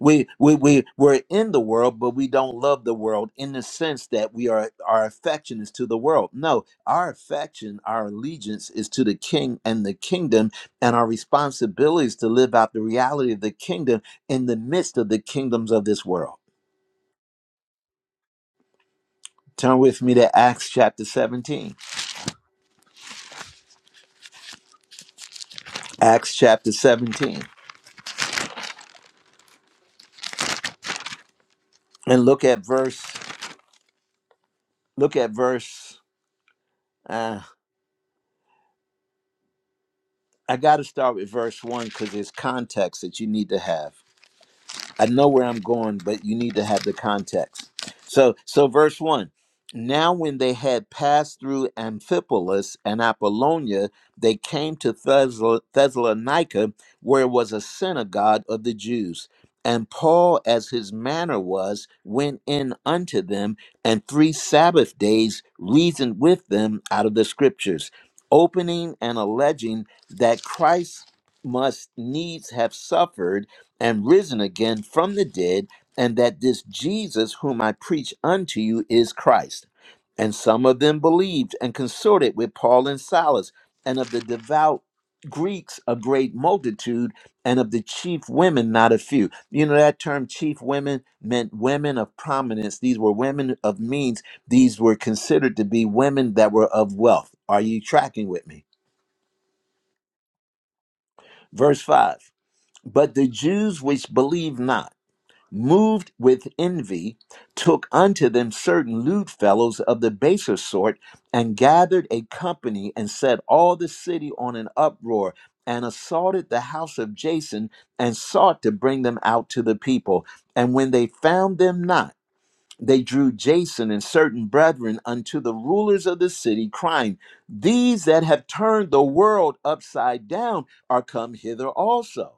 We, we, we, we're in the world, but we don't love the world in the sense that we are, our affection is to the world. No, our affection, our allegiance is to the king and the kingdom, and our responsibility is to live out the reality of the kingdom in the midst of the kingdoms of this world. Turn with me to Acts chapter 17. Acts chapter 17. And look at verse, look at verse, uh, I got to start with verse 1 because there's context that you need to have. I know where I'm going, but you need to have the context. So, so verse one. Now, when they had passed through Amphipolis and Apollonia, they came to Thessal- Thessalonica, where was a synagogue of the Jews. And Paul, as his manner was, went in unto them, and three Sabbath days reasoned with them out of the Scriptures, opening and alleging that Christ must needs have suffered and risen again from the dead, and that this Jesus whom I preach unto you is Christ. And some of them believed and consorted with Paul and Silas, and of the devout Greeks a great multitude, and of the chief women not a few. You know, that term chief women meant women of prominence. These were women of means. These were considered to be women that were of wealth. Are you tracking with me? Verse 5 But the Jews which believed not, moved with envy, took unto them certain lewd fellows of the baser sort, and gathered a company, and set all the city on an uproar, and assaulted the house of Jason, and sought to bring them out to the people. And when they found them not, they drew Jason and certain brethren unto the rulers of the city, crying, These that have turned the world upside down are come hither also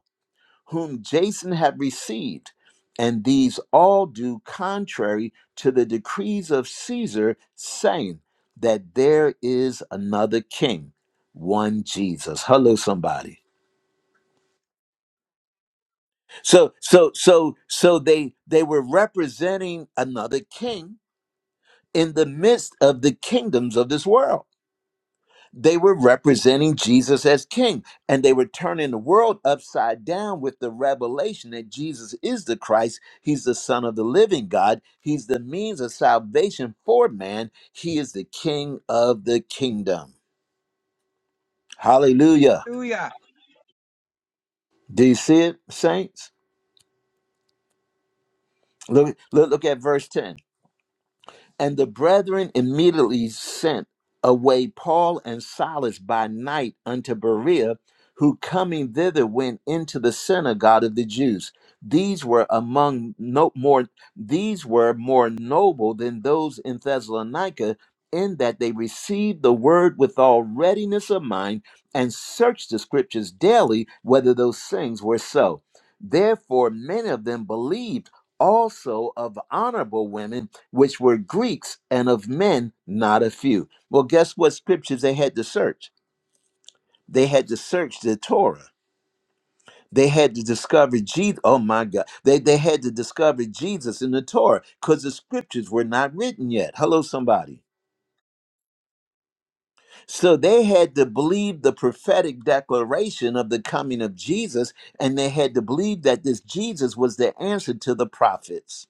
whom Jason had received, and these all do contrary to the decrees of Caesar, saying that there is another king, one Jesus. Hello, somebody. So, so, so, so they they were representing another king in the midst of the kingdoms of this world. They were representing Jesus as king, and they were turning the world upside down with the revelation that Jesus is the Christ. He's the Son of the living God. He's the means of salvation for man. He is the King of the kingdom. Hallelujah.
Do ya.
Do you see it, saints? Look, look, look at verse 10. And the brethren immediately sent away Paul and Silas by night unto Berea, who coming thither went into the synagogue of the Jews. These were among no more these were more noble than those in Thessalonica, in that they received the word with all readiness of mind and searched the scriptures daily whether those things were so. Therefore many of them believed also of honorable women which were Greeks and of men not a few. Well, guess what scriptures they had to search? They had to search the Torah. They had to discover Jesus. Oh my God. They, they had to discover Jesus in the Torah because the scriptures were not written yet. Hello, somebody. So they had to believe the prophetic declaration of the coming of Jesus, and they had to believe that this Jesus was the answer to the prophets.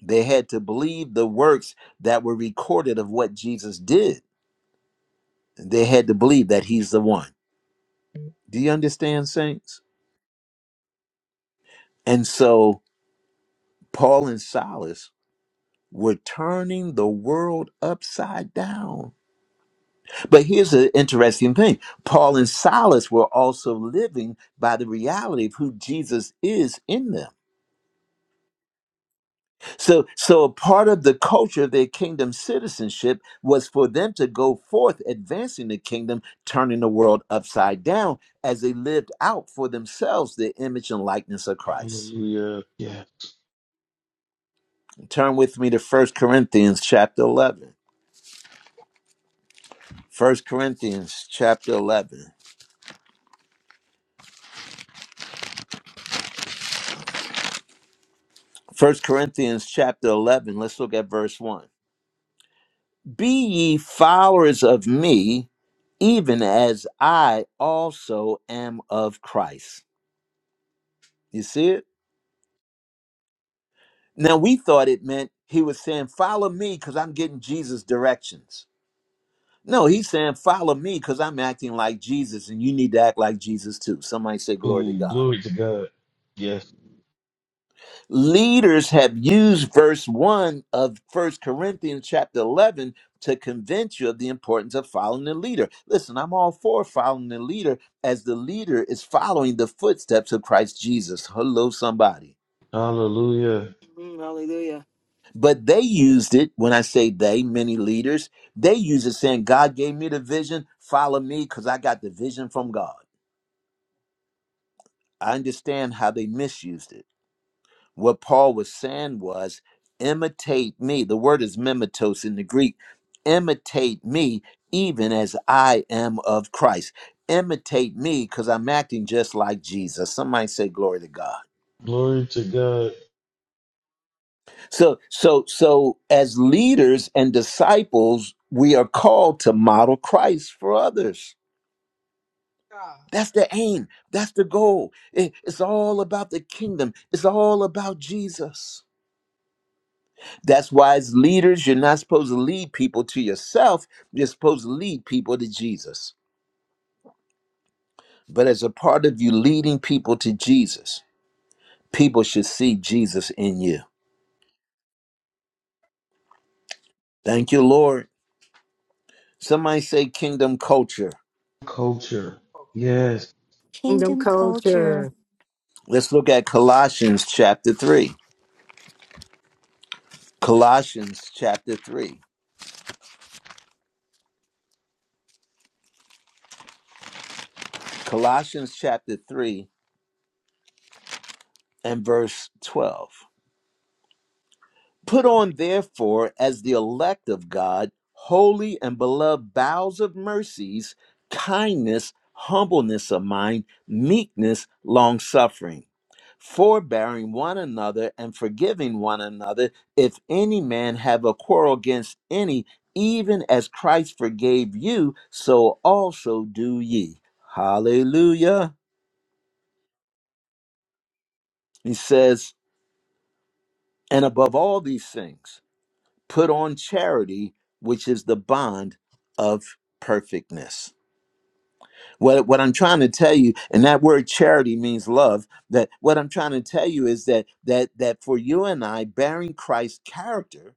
They had to believe the works that were recorded of what Jesus did They had to believe that he's the one. Do you understand, saints? And so Paul and Silas were turning the world upside down. But here's an interesting thing Paul and Silas were also living by the reality of who Jesus is in them. So, so a part of the culture of their kingdom citizenship was for them to go forth advancing the kingdom, turning the world upside down as they lived out for themselves the image and likeness of Christ.
Hallelujah. Yeah.
Turn with me to First Corinthians chapter 11. First Corinthians chapter 11. First Corinthians chapter 11. Let's look at verse 1. Be ye followers of me, even as I also am of Christ. You see it? Now, we thought it meant he was saying, Follow me because I'm getting Jesus' directions. No, he's saying, Follow me because I'm acting like Jesus and you need to act like Jesus too. Somebody say, Glory to
Ooh,
God.
glory to God. Yes.
leaders have used verse 1 of First Corinthians chapter 11 to convince you of the importance of following the leader. Listen, I'm all for following the leader as the leader is following the footsteps of Christ Jesus. Hello, somebody.
Hallelujah.
Mm, hallelujah.
But they used it, when I say they, many leaders, they use it saying, God gave me the vision, follow me because I got the vision from God. I understand how they misused it. What Paul was saying was, imitate me. The word is mimetos in the Greek. Imitate me, even as I am of Christ. Imitate me because I'm acting just like Jesus. Somebody say glory to God.
Glory to God.
So, so, so as leaders and disciples, we are called to model Christ for others.
God.
That's the aim. That's the goal. It- it's all about the kingdom. It's all about Jesus. That's why, as leaders, you're not supposed to lead people to yourself. You're supposed to lead people to Jesus. But as a part of you leading people to Jesus, people should see Jesus in you. Thank you, Lord. Somebody say kingdom culture.
Culture. Yes.
Kingdom
Kingdom culture.
culture.
Let's look at Colossians chapter 3. Colossians chapter 3. Colossians chapter 3 and verse 12. Put on, therefore, as the elect of God, holy and beloved bowels of mercies, kindness, humbleness of mind, meekness, long suffering, forbearing one another and forgiving one another, if any man have a quarrel against any, even as Christ forgave you, so also do ye. Hallelujah. He says, and above all these things. Put on charity, which is the bond of perfectness. What, what I'm trying to tell you, and that word charity means love, that what I'm trying to tell you is that that that for you and I, bearing Christ's character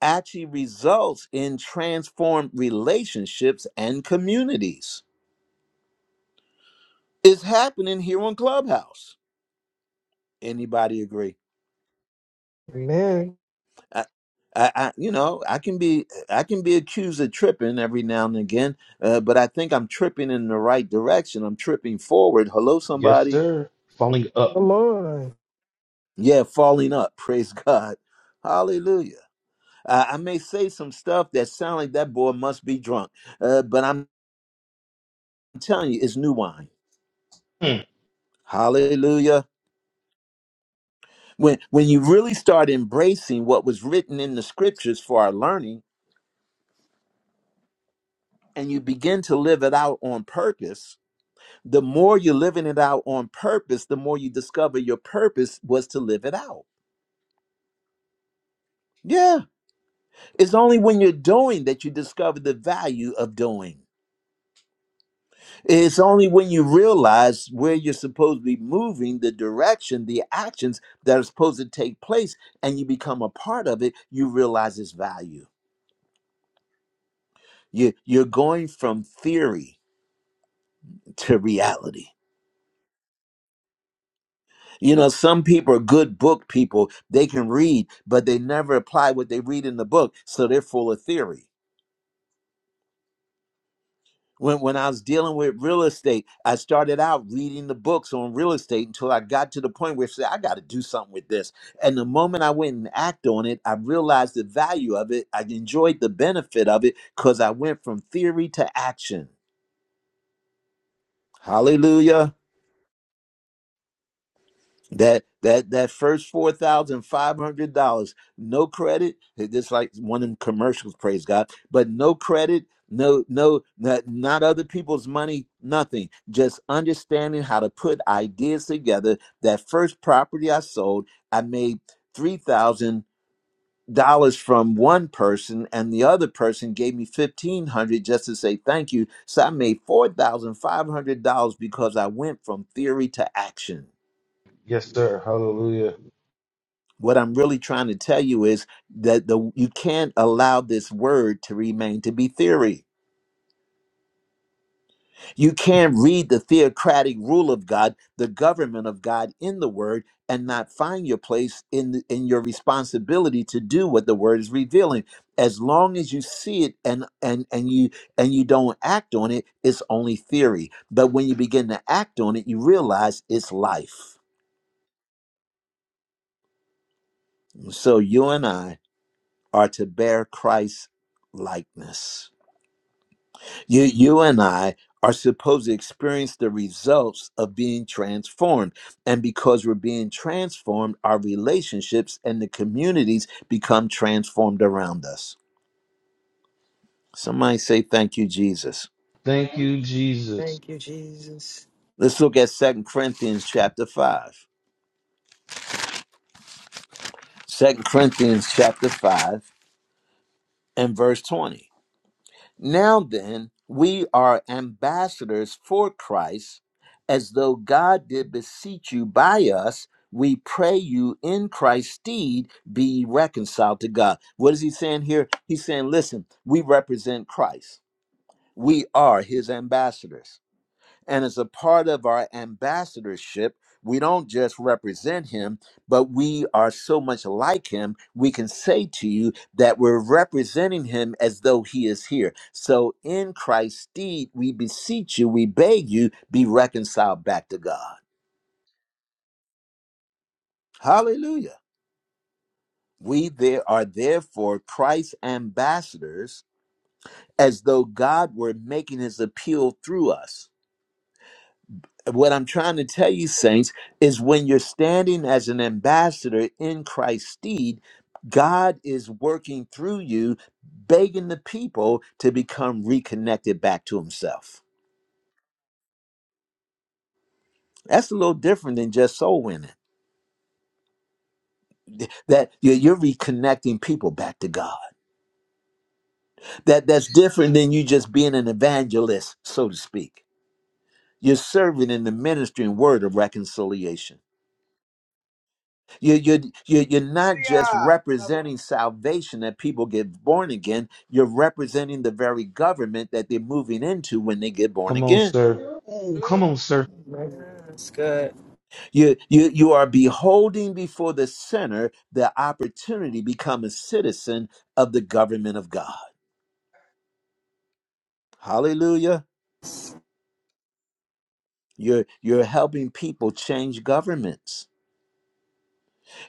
actually results in transformed relationships and communities. It's happening here on Clubhouse. Anybody agree?
Three.
Amen.
I, I, I- you know, I can be I can be accused of tripping every now and again, uh, but I think I'm tripping in the right direction. I'm tripping forward. Hello,
Yes,
somebody.
sir. Falling up.
Come on.
Yeah, falling up. [laughs] Praise God. Hallelujah. I, I may say some stuff that sound like that boy must be drunk, uh, but I'm telling you, it's new wine.
Mm.
Hallelujah. When when you really start embracing what was written in the scriptures for our learning, and you begin to live it out on purpose The more you're living it out on purpose, the more you discover your purpose was to live it out. Yeah. It's only when you're doing that you discover the value of doing. It's only when you realize where you're supposed to be moving, the direction, the actions that are supposed to take place, and you become a part of it, you realize its value. You, you're going from theory to reality. You know, some people are good book people. They can read, but they never apply what they read in the book. So they're full of theory. When, when I was dealing with real estate, I started out reading the books on real estate until I got to the point where I said, I got to do something with this. And the moment I went and act on it, I realized the value of it. I enjoyed the benefit of it because I went from theory to action. Hallelujah. That that that first four thousand five hundred dollars, no credit. Just like one of them commercials, praise God. But no credit, no no not, not other people's money, nothing. Just understanding how to put ideas together. That first property I sold, I made three thousand dollars from one person, and the other person gave me fifteen hundred just to say thank you. So I made four thousand five hundred dollars because I went from theory to action.
Yes, sir. Hallelujah.
what I'm really trying to tell you is that the you can't allow this word to remain to be theory. You can't read the theocratic rule of God, the government of God in the word and not find your place in the, in your responsibility to do what the word is revealing. As long as you see it and and and you and you don't act on it, it's only theory. But when you begin to act on it, you realize it's life. So you and I are to bear Christ's likeness. You, you and I are supposed to experience the results of being transformed. And because we're being transformed, our relationships and the communities become transformed around us. Somebody say, Thank you, Jesus.
Thank you, Jesus.
Thank you, Jesus.
Let's look at Second Corinthians chapter 5. 2 Corinthians chapter 5 and verse 20. Now then, we are ambassadors for Christ, as though God did beseech you by us. We pray you in Christ's stead be reconciled to God. What is he saying here? He's saying, listen, we represent Christ. We are his ambassadors and as a part of our ambassadorship, we don't just represent him, but we are so much like him, we can say to you that we're representing him as though he is here. So in Christ's stead, we beseech you, we beg you, be reconciled back to God. Hallelujah. We there are therefore Christ's ambassadors as though God were making his appeal through us. what I'm trying to tell you, saints, is when you're standing as an ambassador in Christ's stead, God is working through you, begging the people to become reconnected back to Himself. That's a little different than just soul winning. That you're you're reconnecting people back to God. That that's different than you just being an evangelist, so to speak. You're serving in the ministry and word of reconciliation. You, you, you, you're not just
Hallelujah.
representing salvation that people get born again, you're representing the very government that they're moving into when they get born
Come on,
again.
sir. Ooh, come
Hallelujah.
on, sir.
Amen. That's good.
You, you, you are beholding before the sinner the opportunity to become a citizen of the government of God. Hallelujah. You're, you're helping people change governments.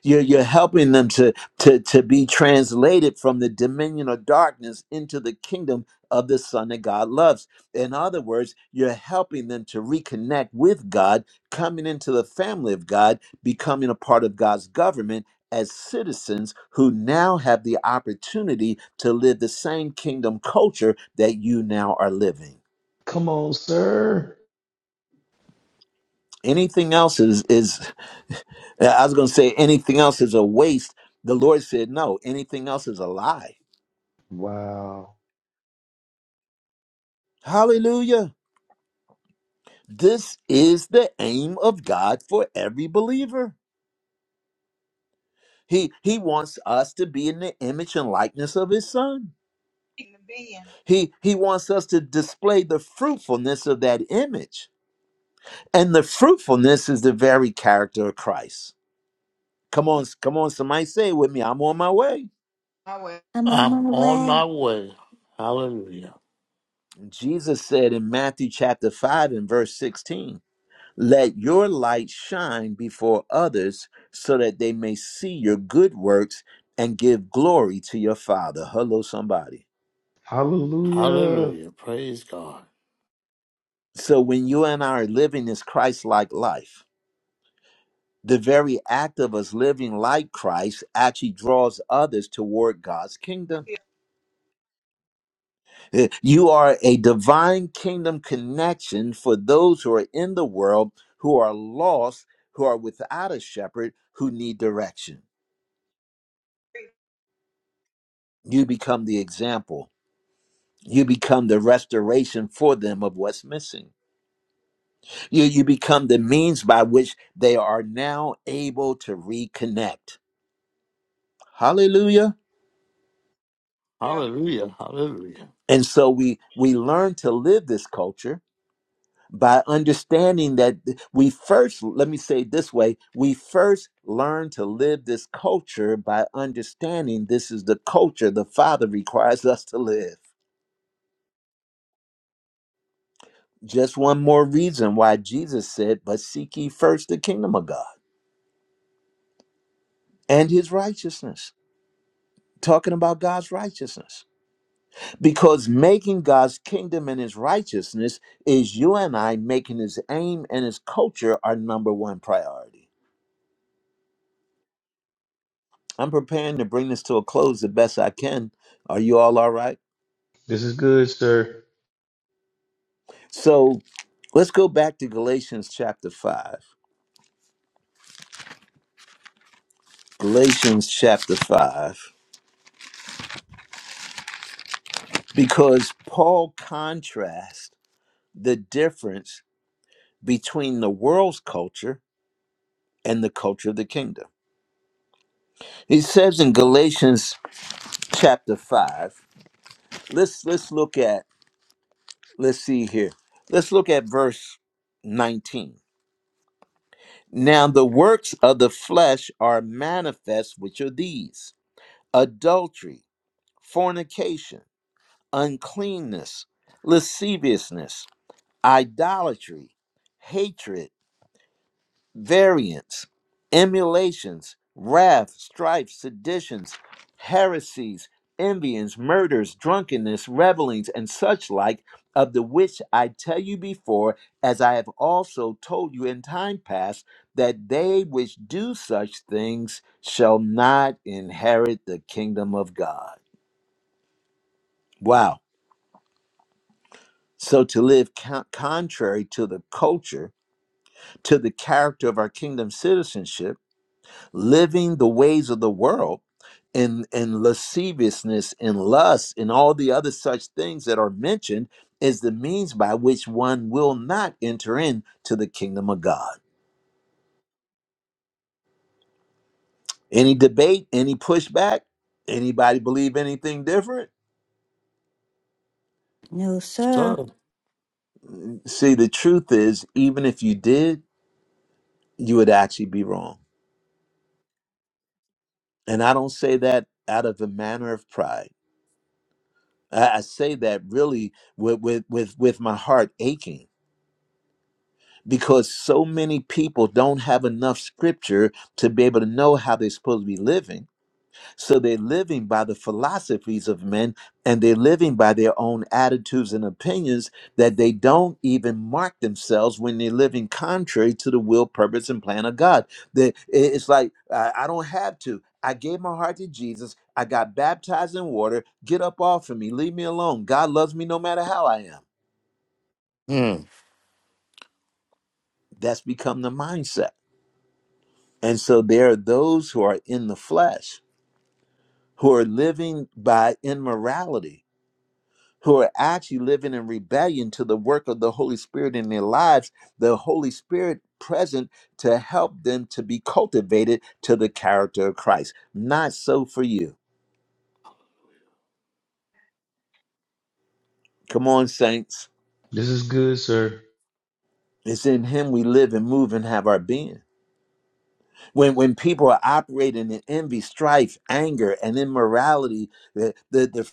You're, you're helping them to, to, to be translated from the dominion of darkness into the kingdom of the Son that God loves. In other words, you're helping them to reconnect with God, coming into the family of God, becoming a part of God's government as citizens who now have the opportunity to live the same kingdom culture that you now are living.
Come on, sir.
Anything else is is I was going to say anything else is a waste. The Lord said, no, anything else is a lie.
Wow.
Hallelujah. This is the aim of God for every believer. He, he wants us to be in the image and likeness of his son.
In the being.
He, he wants us to display the fruitfulness of that image. And the fruitfulness is the very character of Christ. Come on, come on, somebody say it with me. I'm on my way.
Our
I'm on my
I'm on
way.
my way. Hallelujah.
Jesus said in Matthew chapter 5 and verse 16, Let your light shine before others so that they may see your good works and give glory to your Father. Hello, somebody.
Hallelujah.
Hallelujah. Praise God.
So when you and I are living this Christ like life, the very act of us living like Christ actually draws others toward God's kingdom. Uh, You are a divine kingdom connection for those who are in the world, who are lost, who are without a shepherd, who need direction.
hallelujah.
You become the example. You become the restoration for them of what's missing. You, you become the means by which they are now able to reconnect. Hallelujah.
Hallelujah. Hallelujah.
And so we we learn to live this culture by understanding that we first, let me say it this way, we first learn to live this culture by understanding this is the culture the Father requires us to live. Just one more reason why Jesus said, But seek ye first the kingdom of God and his righteousness. Talking about God's righteousness. Because making God's kingdom and his righteousness is you and I making his aim and his culture our number one priority. I'm preparing to bring this to a close the best I can. Are you all all right?
This is good, sir.
So let's go back to Galatians chapter 5. Galatians chapter 5, because Paul contrasts the difference between the world's culture and the culture of the kingdom. He says in Galatians chapter 5, let's let's look at let's see here. Let's look at verse 19. Now the works of the flesh are manifest, which are these adultery, fornication, uncleanness, lasciviousness, idolatry, hatred, variance, emulations, wrath, strife, seditions, heresies, envyings, murders, drunkenness, revelings, and such like, of the which I tell you before, as I have also told you in time past, that they which do such things shall not inherit the kingdom of God. Wow. So to live co- contrary to the culture, to the character of our kingdom citizenship, living the ways of the world in, in lasciviousness, and lust, and all the other such things that are mentioned is the means by which one will not enter into the kingdom of God. Any debate, any pushback, anybody believe anything different?
No, sir.
So,
See, the truth is, even if you did, you would actually be wrong. And I don't say that out of a manner of pride. I, I say that really with, with with with my heart aching because so many people don't have enough scripture to be able to know how they're supposed to be living so they're living by the philosophies of men and they're living by their own attitudes and opinions that they don't even mark themselves when they're living contrary to the will, purpose, and plan of God. That it's like, I I don't have to. I gave my heart to Jesus. I got baptized in water. Get up off of me. Leave me alone. God loves me no matter how I am.
hmm.
That's become the mindset. And so there are those who are in the flesh who are living by immorality who are actually living in rebellion to the work of the Holy Spirit in their lives, the Holy Spirit present to help them to be cultivated to the character of Christ. Not so for you. Come on, saints.
This is good, sir.
It's in him we live and move and have our being. When when people are operating in envy, strife, anger, and immorality, the, the, the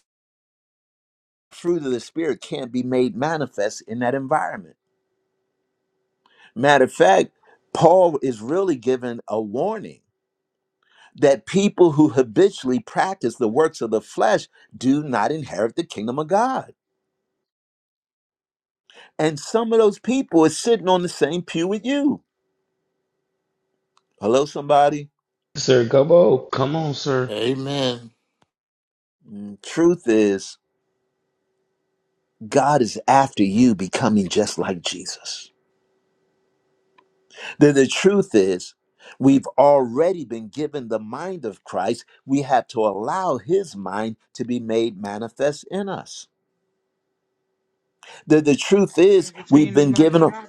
fruit of the spirit can't be made manifest in that environment. Matter of fact, Paul is really given a warning that people who habitually practice the works of the flesh do not inherit the kingdom of God. And some of those people are sitting on the same pew with you. Hello, somebody.
Sir, come on. Come on, sir.
amen.
Mm, Truth is, God is after you becoming just like Jesus. The the truth is, we've already been given the mind of Christ. We have to allow his mind to be made manifest in us. The, the truth is,
Change
we've
between the
been
life
given.
and
a.
God.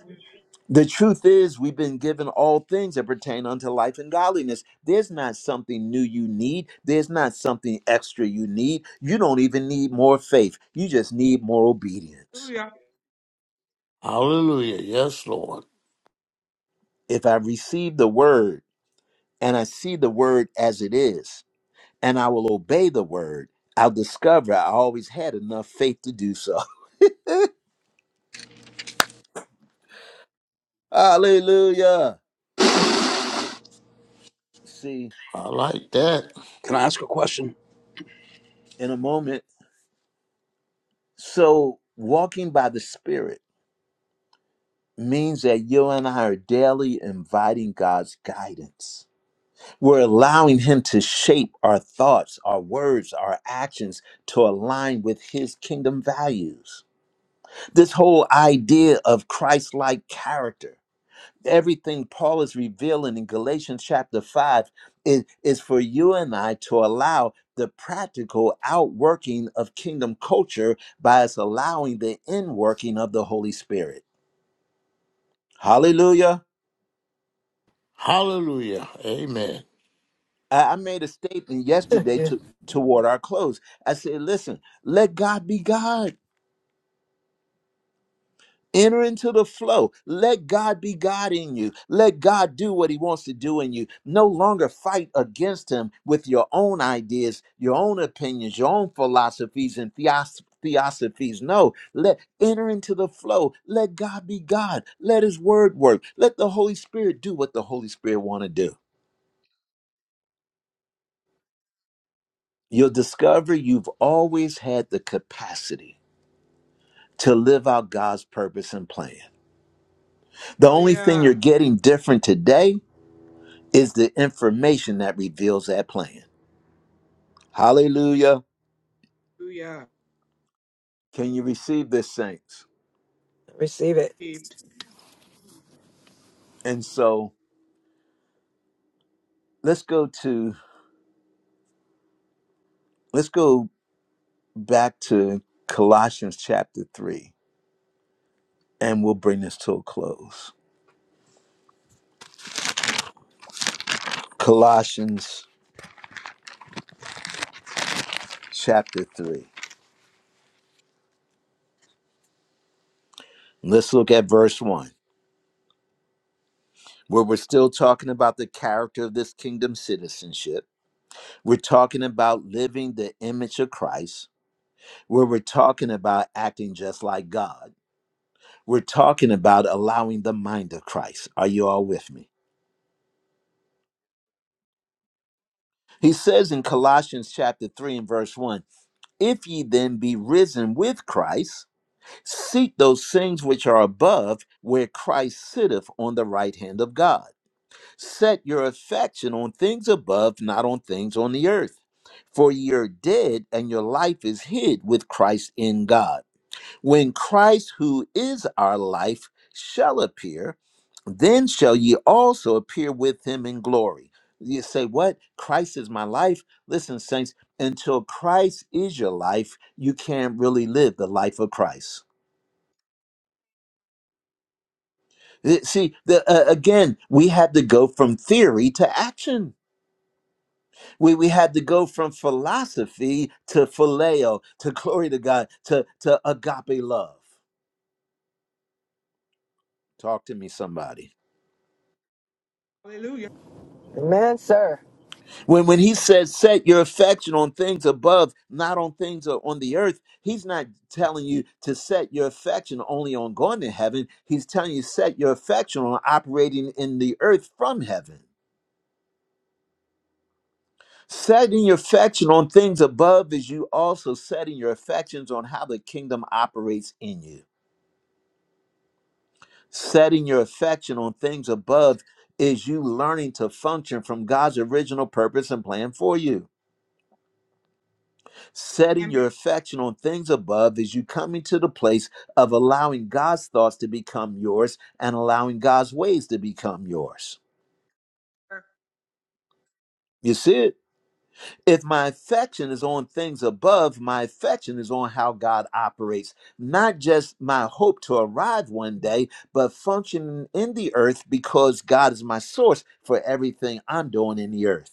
The truth is, we've been given all things that pertain unto life and godliness. There's not something new you need. There's not something extra you need. You don't even need more faith. You just need more obedience.
Hallelujah.
Hallelujah. Yes, Lord.
If I receive the word and I see the word as it is, and I will obey the word, I'll discover I always had enough faith to do so. [laughs] Hallelujah. See,
I like that.
Can I ask a question?
in a moment. So, walking by the Spirit means that you and I are daily inviting God's guidance. We're allowing Him to shape our thoughts, our words, our actions to align with His kingdom values. This whole idea of Christ like character, everything Paul is revealing in Galatians chapter 5, is, is for you and I to allow the practical outworking of kingdom culture by us allowing the inworking of the Holy Spirit. Hallelujah.
Hallelujah. Amen.
I I made a statement
[laughs]
yesterday
Yeah.
to toward our close. I said, listen, let God be God. Enter into the flow. Let God be God in you. Let God do what he wants to do in you. No longer fight against him with your own ideas, your own opinions, your own philosophies and theos- theosophies. No, let enter into the flow. Let God be God. Let his word work. Let the Holy Spirit do what the Holy Spirit want to do. You'll discover you've always had the capacity to live out God's purpose and plan. The only thing you're
Hallelujah.
getting different today is the information that reveals that plan. Hallelujah.
Hallelujah.
Can you receive this saints?
Receive it.
And so, let's go to let's go back to Colossians chapter 3 and we'll bring this to a close. Colossians chapter 3. Let's look at verse 1. Where we're still talking about the character of this kingdom citizenship. We're talking about living the image of Christ where we're talking about acting just like God. We're talking about allowing the mind of Christ. Are you all with me? He says in Colossians chapter 3 and verse 1 If ye then be risen with Christ, seek those things which are above, where Christ sitteth on the right hand of God. Set your affection on things above, not on things on the earth. For ye are dead, and your life is hid with Christ in God. When Christ, who is our life, shall appear, then shall ye also appear with him in glory. You say, What? Christ is my life? Listen, saints, until Christ is your life, you can't really live the life of Christ. Eh, See, the, uh, again, we had to go from theory to action. We, we had to go from philosophy to phileo, to glory to God, to, to agape love. Talk to me, somebody.
Hallelujah.
Amen, sir.
When, when he says, set your affection on things above, not on things o- on the earth, he's not telling you to set your affection only on going to heaven. He's telling you, set your affection on operating in the earth from heaven. Setting your affection on things above is you also setting your affections on how the kingdom operates in you. Setting your affection on things above is you learning to function from God's original purpose and plan for you. setting your affection on things above is you coming to the place of allowing God's thoughts to become yours and allowing God's ways to become yours. You see it? If my affection is on things above, my affection is on how God operates, not just my hope to arrive one day, but functioning in the earth because God is my source for everything I'm doing in the earth.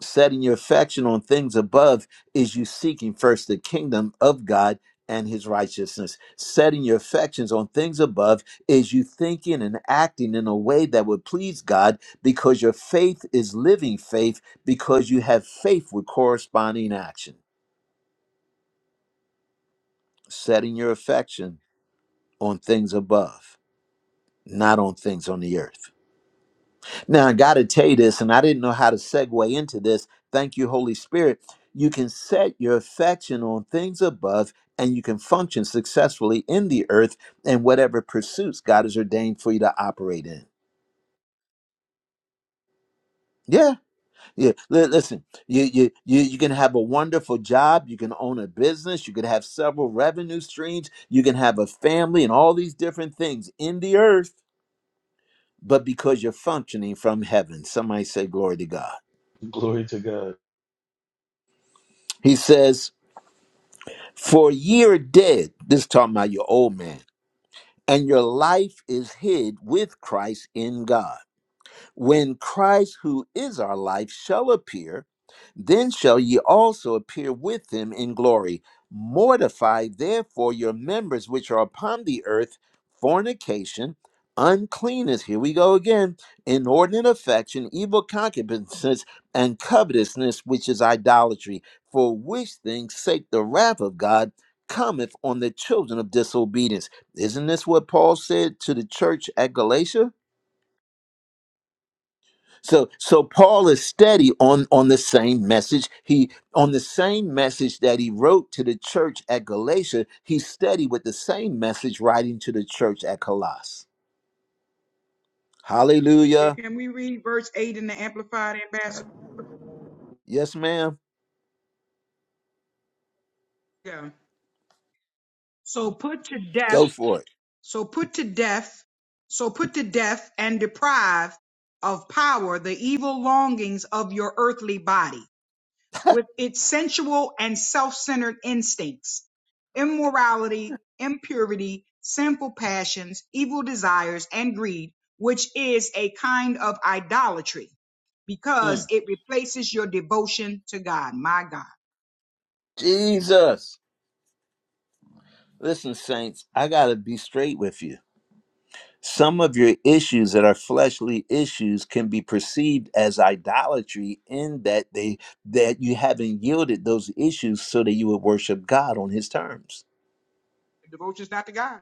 setting your affection on things above is you seeking first the kingdom of God and his righteousness. Setting your affections on things above is you thinking and acting in a way that would please God because your faith is living faith because you have faith with corresponding action. Setting your affection on things above, not on things on the earth. Now, I got to tell you this, and I didn't know how to segue into this. Thank you, Holy Spirit. You can set your affection on things above and you can function successfully in the earth and whatever pursuits God has ordained for you to operate in. Yeah, yeah. Li- Listen, you you you you can have a wonderful job. You can own a business. You could have several revenue streams. You can have a family and all these different things in the earth. But because you're functioning from heaven, somebody say glory to God.
Glory to
He says, For ye are dead, this talking about your old man, and your life is hid with Christ in God. When Christ, who is our life, shall appear, then shall ye also appear with him in glory. Mortify therefore your members which are upon the earth fornication, uncleanness, here we go again, inordinate affection, evil concupiscence, and covetousness, which is idolatry, for which things sake the wrath of God cometh on the children of disobedience. Isn't this what Paul said to the church at Galatia? So so Paul is steady on on the same message. He on the same message that he wrote to the church at Galatia, he's steady with the same message writing to the church at Colossus. Hallelujah.
Can we read verse 8 in the Amplified Ambassador?
Yes, ma'am.
Yeah. So put to death,
Go for it.
so put to death, so put to death and deprive of power the evil longings of your earthly body with its sensual and self-centered instincts, immorality, impurity, sinful passions, evil desires, and greed, which is a kind of idolatry because
Mm.
it replaces your devotion to God. My God.
Jesus. Listen, saints, I gotta be straight with you. Some of your issues that are fleshly issues can be perceived as idolatry in that they that you haven't yielded those issues so that you would worship God on his terms.
Devotion's not to God.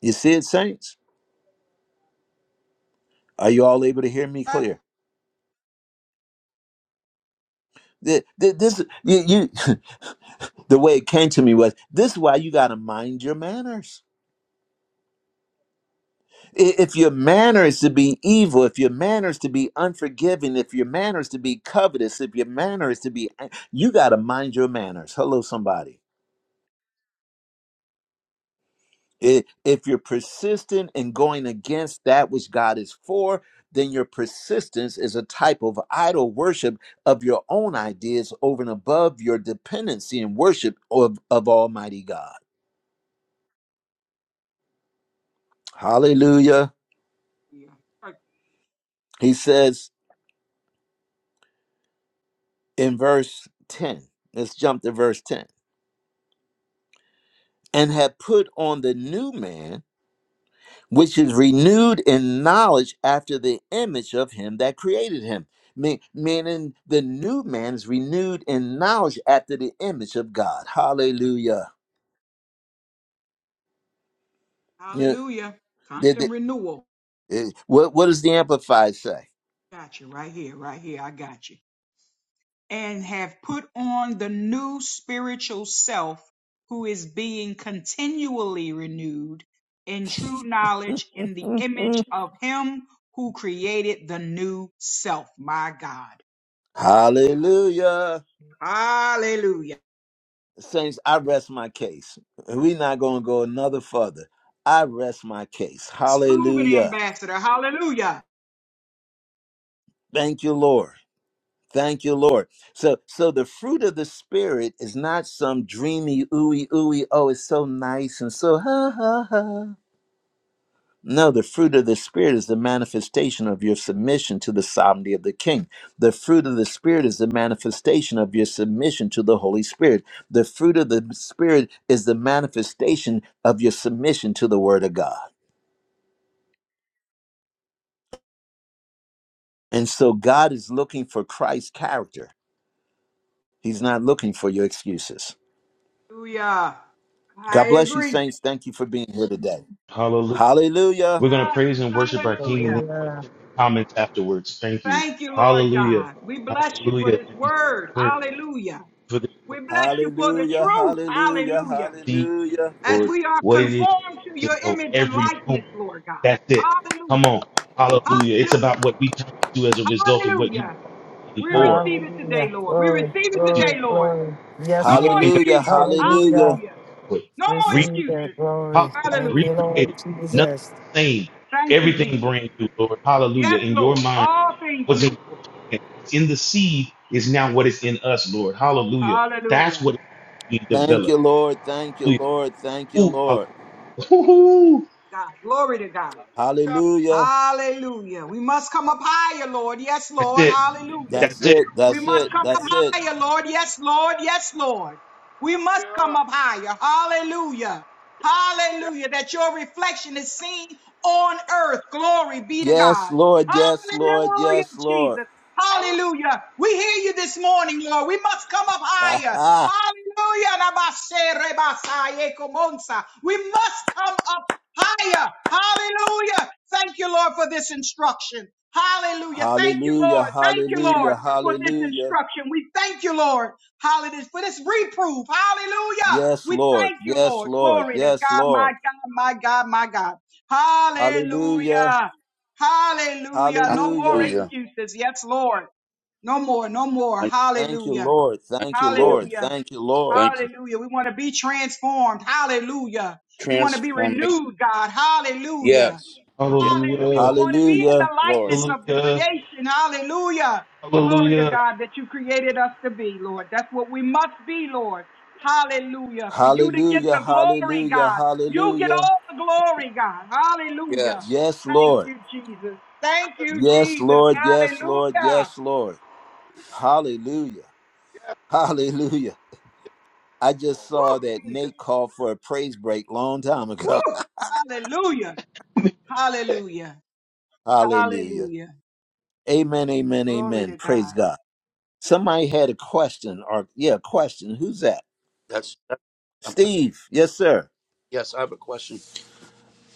You see it, saints? Are you all able to hear me
Ah,
clear? Th- This, you, you, [laughs] the way it came to me was this is why you got to mind your manners. I- If your manner is to be evil, if your manner is to be unforgiving, if your manner is to be covetous, if your manner is to be, you got to mind your manners. Hello, somebody. I- If you're persistent in going against that which God is for, then your persistence is a type of idol worship of your own ideas over and above your dependency and worship of, of Almighty God. Hallelujah.
yeah. Right.
He says in verse 10, let's jump to verse 10 and have put on the new man which is renewed in knowledge after the image of him that created him. Me- Meaning the new man is renewed in knowledge after the image of God. Hallelujah. Yeah,
Hallelujah.
did
Constant
the-
renewal.
eh, What, what does the Amplified say?
Got you right here, right here. I got you. and have put on the new spiritual self who is being continually renewed in true knowledge in the image of him who created the new self. My God.
Hallelujah.
Hallelujah.
Saints, I rest my case. We're not going to go another further. I rest my case.
It's proven,
Hallelujah.
Ambassador. Hallelujah.
Thank you, Lord. Thank you, Lord. So, so the fruit of the spirit is not some dreamy ooey ooey. Oh, it's so nice and so ha ha ha. No, the fruit of the spirit is the manifestation of your submission to the sovereignty of the King. The fruit of the spirit is the manifestation of your submission to the Holy Spirit. The fruit of the spirit is the manifestation of your submission to the Word of God. And so, God is looking for Christ's character. He's not looking for your excuses.
Hallelujah.
God
I
bless you,
agree.
saints. Thank you for being here today.
God.
Hallelujah.
We're going to praise and worship our King and then
Hallelujah.
questions
Hallelujah.
and comments afterwards. Thank you.
Thank you, Lord
Hallelujah.
God. We bless you for
Hallelujah.
this
Thank you for
word.
this word.
Hallelujah.
Thank you for this
We
word.
bless you
Thank you
for the
Hallelujah.
truth.
Hallelujah.
Hallelujah.
for seeing,
Hallelujah.
as
Lord,
we are
what it is you
conformed to
want us
your
to know
image and
every
likeness,
moment.
Lord
That's it.
God.
Come
Hallelujah.
on. Hallelujah. It's about
Hallelujah.
what we turn into as a result of what you
Hallelujah.
came
We
for
receive it today,
Hallelujah.
Lord. We receive
Glory,
it
to you.
glory,
today, Lord.
glory.
No
Yes,
You
more
Lord.
came back
Hallelujah.
excuses.
Hallelujah.
Hallelujah.
Hallelujah.
for it.
No more
Re-
Receive that
excuses.
hallelujah.
glory. Thank you,
Hallelujah.
Lord
Recreated. Nothing
Jesus.
the same.
Thank you,
Everything
Jesus.
brand new, Lord.
Yes,
Hallelujah. In your
Lord.
mind.
All things
was in
new.
what's in the seed is now what is in us, Lord. Hallelujah. That's
Hallelujah.
what we
Thank
develop.
you, Lord. Thank you,
Hallelujah.
Lord. Thank you,
Ooh,
Lord.
hallelujah. [laughs]
God. Glory to God.
Hallelujah.
Hallelujah. We must come up higher, Lord. Yes,
That's
Lord.
it.
Hallelujah.
That's
That's it.
it.
We
That's
must
it.
come up
That's it.
higher, Lord. Yes, Lord. Yes, Lord. We must come up higher. Hallelujah. Hallelujah. That your reflection is seen on earth. Glory be to
Yes,
God.
Lord. Yes, Lord.
Hallelujah,
Yes, Lord.
Jesus.
[laughs]
Hallelujah. We hear you this morning, Lord. We must come up
Ha,
higher.
ha.
Hallelujah. Rabashe, rebasaye, komonsa. We must come up higher. Hallelujah. Thank you, Lord, for this instruction. Hallelujah. Thank you,
hallelujah.
Lord. Thank you,
Hallelujah.
Lord for this
Hallelujah.
instruction. We thank you, Lord. Hallelujah. For this reproof. Hallelujah.
Yes,
We
Lord.
thank you,
Yes,
Lord.
Lord.
Glory to
Yes,
God, my
Lord.
God, my God, my God.
Hallelujah.
Hallelujah. Hallelujah. No more
Hallelujah.
Hallelujah.
excuses. Yes, Lord. No more, no more.
Thank you,
Thank you,
Hallelujah.
Lord.
thank
Thank you,
you, Lord.
Lord.
Hallelujah.
Thank you, Lord.
Thank you.
Hallelujah. We want to be transformed. Hallelujah. We want to be
Transformation.
renewed, God. Hallelujah.
Yes. Yes,
Hallelujah. We
Hallelujah.
want to be in
Hallelujah.
the
Lord.
likeness of the
Hallelujah.
creation. Hallelujah. Glory to
Hallelujah.
God that you created us to be, Lord. That's what we must be, Lord. Hallelujah. For you to get
Hallelujah,
the glory,
hallelujah,
God. You get
hallelujah.
all the glory, God. Hallelujah.
Yes.
Yes,
Thank
Lord.
you, Jesus. Thank you,
Yes,
Jesus.
Lord. Yes, Lord.
Hallelujah.
Yes, Lord. Hallelujah. [laughs] Hallelujah. I just saw
Woo,
that
Jesus.
Nate called for a praise break long time ago.
Woo. Hallelujah. Hallelujah.
[laughs] Hallelujah.
Hallelujah.
Amen, amen,
Glory
amen.
to
Praise
God.
God. Somebody had a question or yeah, a question. Who's that?
That's, that, um,
Steve. Yes, sir.
yes, I have a question.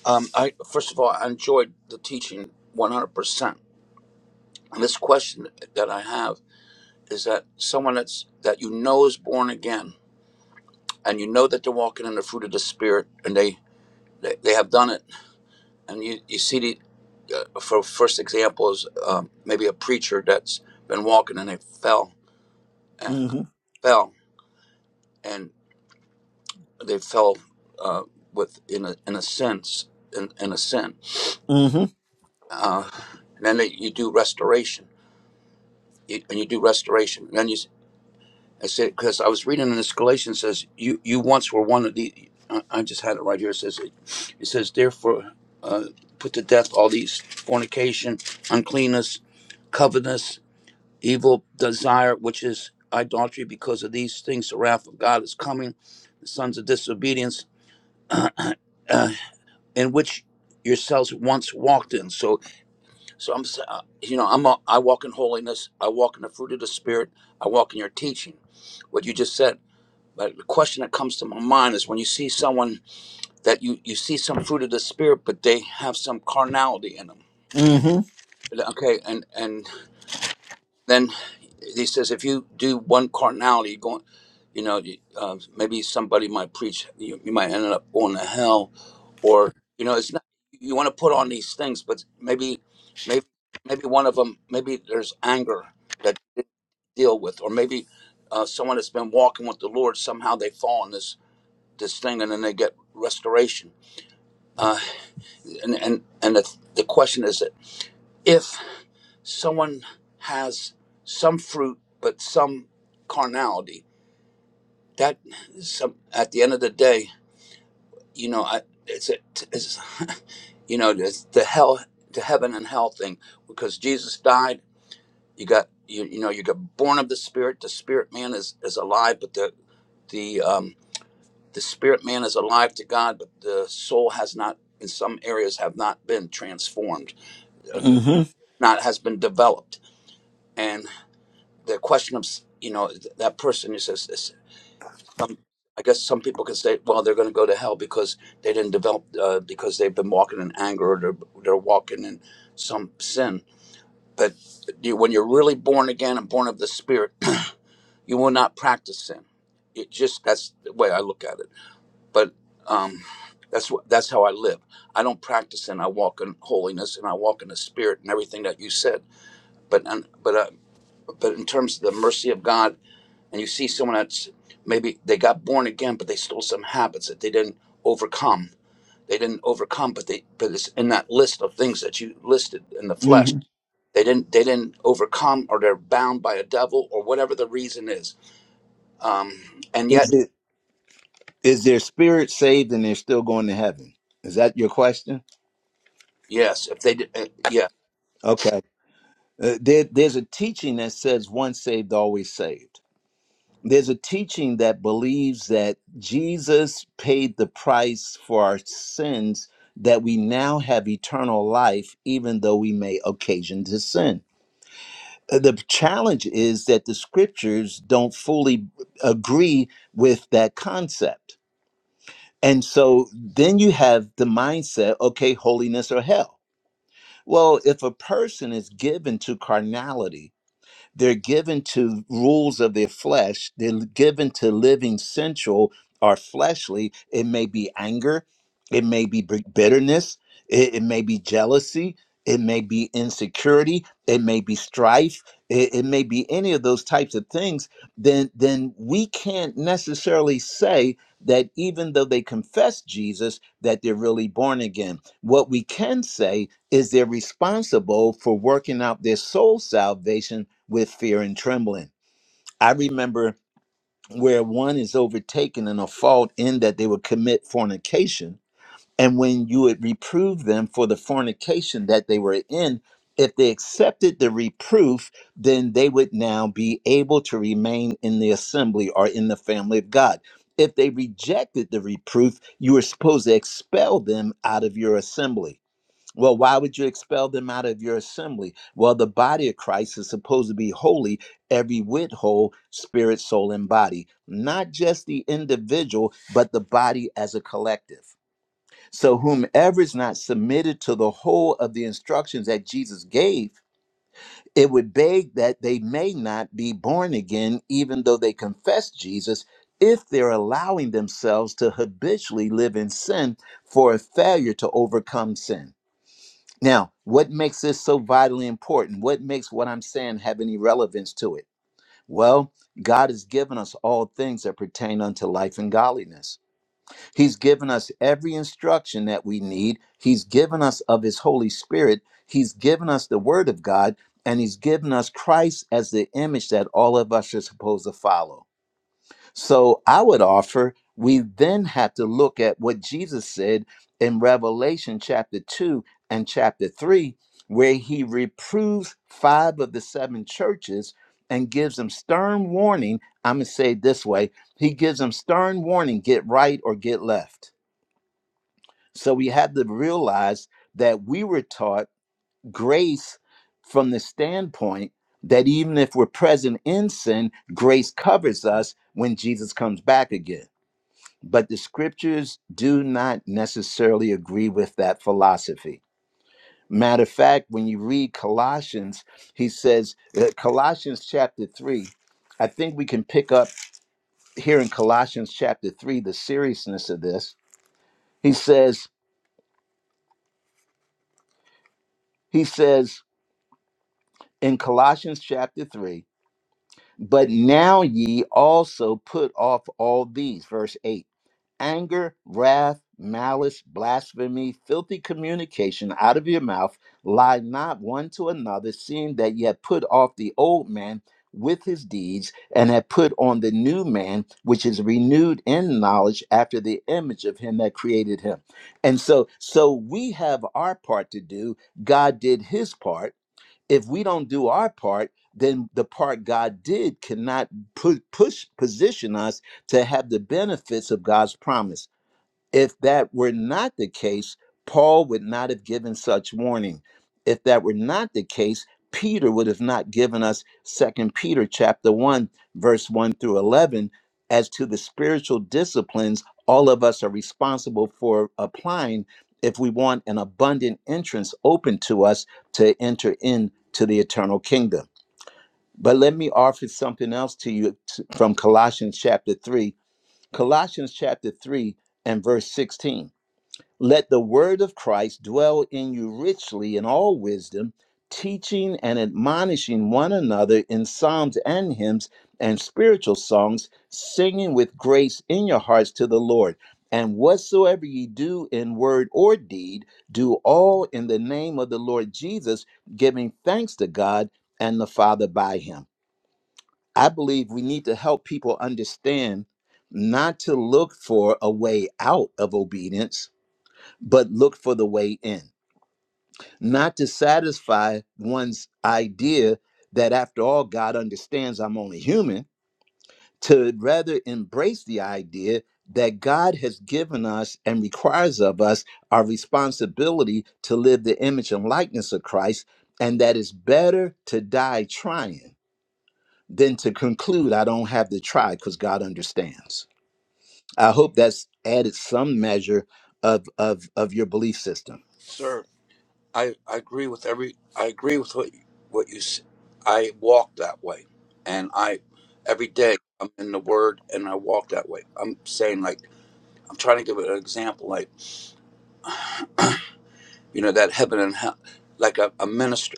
Um, I First of all, I enjoyed the teaching 100%. And this question that I have is that someone that's that you know is born again and you know that they're walking in the fruit of the Spirit and they, they, they have done it and you, you see the uh, for first example is um, maybe a preacher that's been walking and they fell and
Mhm.
fell and they fell uh, with in a in a sense in, in a sin
Mhm.
uh, and then they, you do restoration you, and you do restoration and then you s- I said because I was reading in this Galatians says you you once were one of the I, I just had it right here it says it, it says therefore uh, put to death all these fornication uncleanness covetousness evil desire, which is idolatry, because of these things, the wrath of God is coming, the sons of disobedience, [clears throat] uh, in which yourselves once walked in. So, so I'm, s- uh, you know, I'm, a, I walk in holiness. I walk in the fruit of the Spirit. I walk in your teaching, what you just said. But the question that comes to my mind is when you see someone that you you see some fruit of the Spirit, but they have some carnality in them.
Mhm.
Okay, and and Then he says, if you do one carnality, you're going, you know, you- uh, maybe somebody might preach, you, you might end up going to hell, or you know, it's not. You want to put on these things, but maybe, maybe, maybe one of them, maybe there's anger that you didn't deal with, or maybe uh, someone that's been walking with the Lord somehow they fall in this this thing, and then they get restoration. Uh, and and and the, the question is that if." someone has some fruit but some carnality that some at the end of the day you know I, it's a it's, [laughs] you know it's the hell the heaven and hell thing because jesus died you got you, you know you got born of the spirit the spirit man is is alive but the the um the spirit man is alive to god but the soul has not in some areas have not been transformed uh,
Mhm.
not has been developed and. the question of you know th- that person is, is, is some i guess some people can say well they're going to go to hell because they didn't develop uh, because they've been walking in anger or they're, they're walking in some sin but you, when you're really born again and born of the spirit [clears throat] you will not practice sin it just that's the way i look at it but um that's what that's how i live i don't practice sin i walk in holiness and i walk in the spirit and everything that you said but and, but uh, but in terms of the mercy of god and you see someone that's maybe they got born again, but they still some habits that they didn't overcome. They didn't overcome, but they but it's in that list of things that you listed in the flesh.
Mhm.
They didn't they didn't overcome, or they're bound by a devil, or whatever the reason is. Um, and
Is
yet,
it is their spirit saved and they're still going to heaven? Is that your question?
yes, if they did, uh, yeah,
Okay. Uh, there, there's a teaching that says once saved, always saved. There's a teaching that believes that Jesus paid the price for our sins, that we now have eternal life, even though we may occasion to sin. Uh, The challenge is that the scriptures don't fully agree with that concept. And so then you have the mindset okay, holiness or hell. Well, if a person is given to carnality, They're given to rules of their flesh. They're given to living sensual or fleshly. It may be anger. It may be b- bitterness. It, it may be jealousy. It may be insecurity. It may be strife. It, it may be any of those types of things. Then, then we can't necessarily say that even though they confess Jesus, that they're really born again. What we can say is they're responsible for working out their soul salvation with fear and trembling. I remember where one is overtaken in a fault in that they would commit fornication. And when you would reprove them for the fornication that they were in, if they accepted the reproof, then they would now be able to remain in the assembly or in the family of God. If they rejected the reproof, you were supposed to expel them out of your assembly well, why would you expel them out of your assembly? Well, the body of Christ is supposed to be holy, every whit whole, spirit, soul, and body, not just the individual, but the body as a collective. So, whomever is not submitted to the whole of the instructions that Jesus gave, it would beg that they may not be born again, even though they confess Jesus, if they're allowing themselves to habitually live in sin for a failure to overcome sin. Now, what makes this so vitally important? What makes what I'm saying have any relevance to it? Well, God has given us all things that pertain unto life and godliness. He's given us every instruction that we need. He's given us of His Holy Spirit. He's given us the Word of God, and He's given us Christ as the image that all of us are supposed to follow. So I would offer we then have to look at what Jesus said in Revelation chapter 2 and chapter 3, where he reproves five of the seven churches and gives them stern warning. I'm going to say it this way He gives them stern warning get right or get left. So we have to realize that we were taught grace from the standpoint that even if we're present in sin, grace covers us when Jesus comes back again but the scriptures do not necessarily agree with that philosophy. Matter of fact, when you read Colossians, he says, uh, Colossians chapter 3, I think we can pick up here in Colossians chapter 3 the seriousness of this. He says, he says in Colossians chapter 3, but now ye also put off all these, verse 8 anger, wrath, malice, blasphemy, filthy communication out of your mouth. Lie not one to another, seeing that ye have put off the old man with his deeds, and have put on the new man, which is renewed in knowledge after the image of him that created him. And so, so we have our part to do. God did his part if we don't do our part, then the part God did cannot pu- push position us to have the benefits of God's promise. If that were not the case, Paul would not have given such warning. If that were not the case, Peter would have not given us Second Peter chapter 1 verse 1 through 11 as to the spiritual disciplines all of us are responsible for applying if we want an abundant entrance open to us to enter into the eternal kingdom. But let me offer something else to you t- from Colossians chapter 3. Colossians chapter 3 and verse 16 let the word of Christ dwell in you richly in all wisdom, teaching and admonishing one another in psalms and hymns and spiritual songs, singing with grace in your hearts to the Lord. And whatsoever ye do in word or deed, do all in the name of the Lord Jesus, giving thanks to God and the Father by him. I believe we need to help people understand not to look for a way out of obedience but look for the way in, not to satisfy one's idea that after all, God understands I'm only human, to rather embrace the idea that God has given us and requires of us our responsibility to live the image and likeness of Christ, and that it's better to die trying than to conclude I don't have to try because God understands. I hope that's added some measure of, of, of your belief system
sir, I, I agree with every I agree with what you- what you. s- I walk that way, and I every day I'm in the Word and I walk that way. I'm saying like I'm trying to give an example. you know that heaven and hell like a, a minister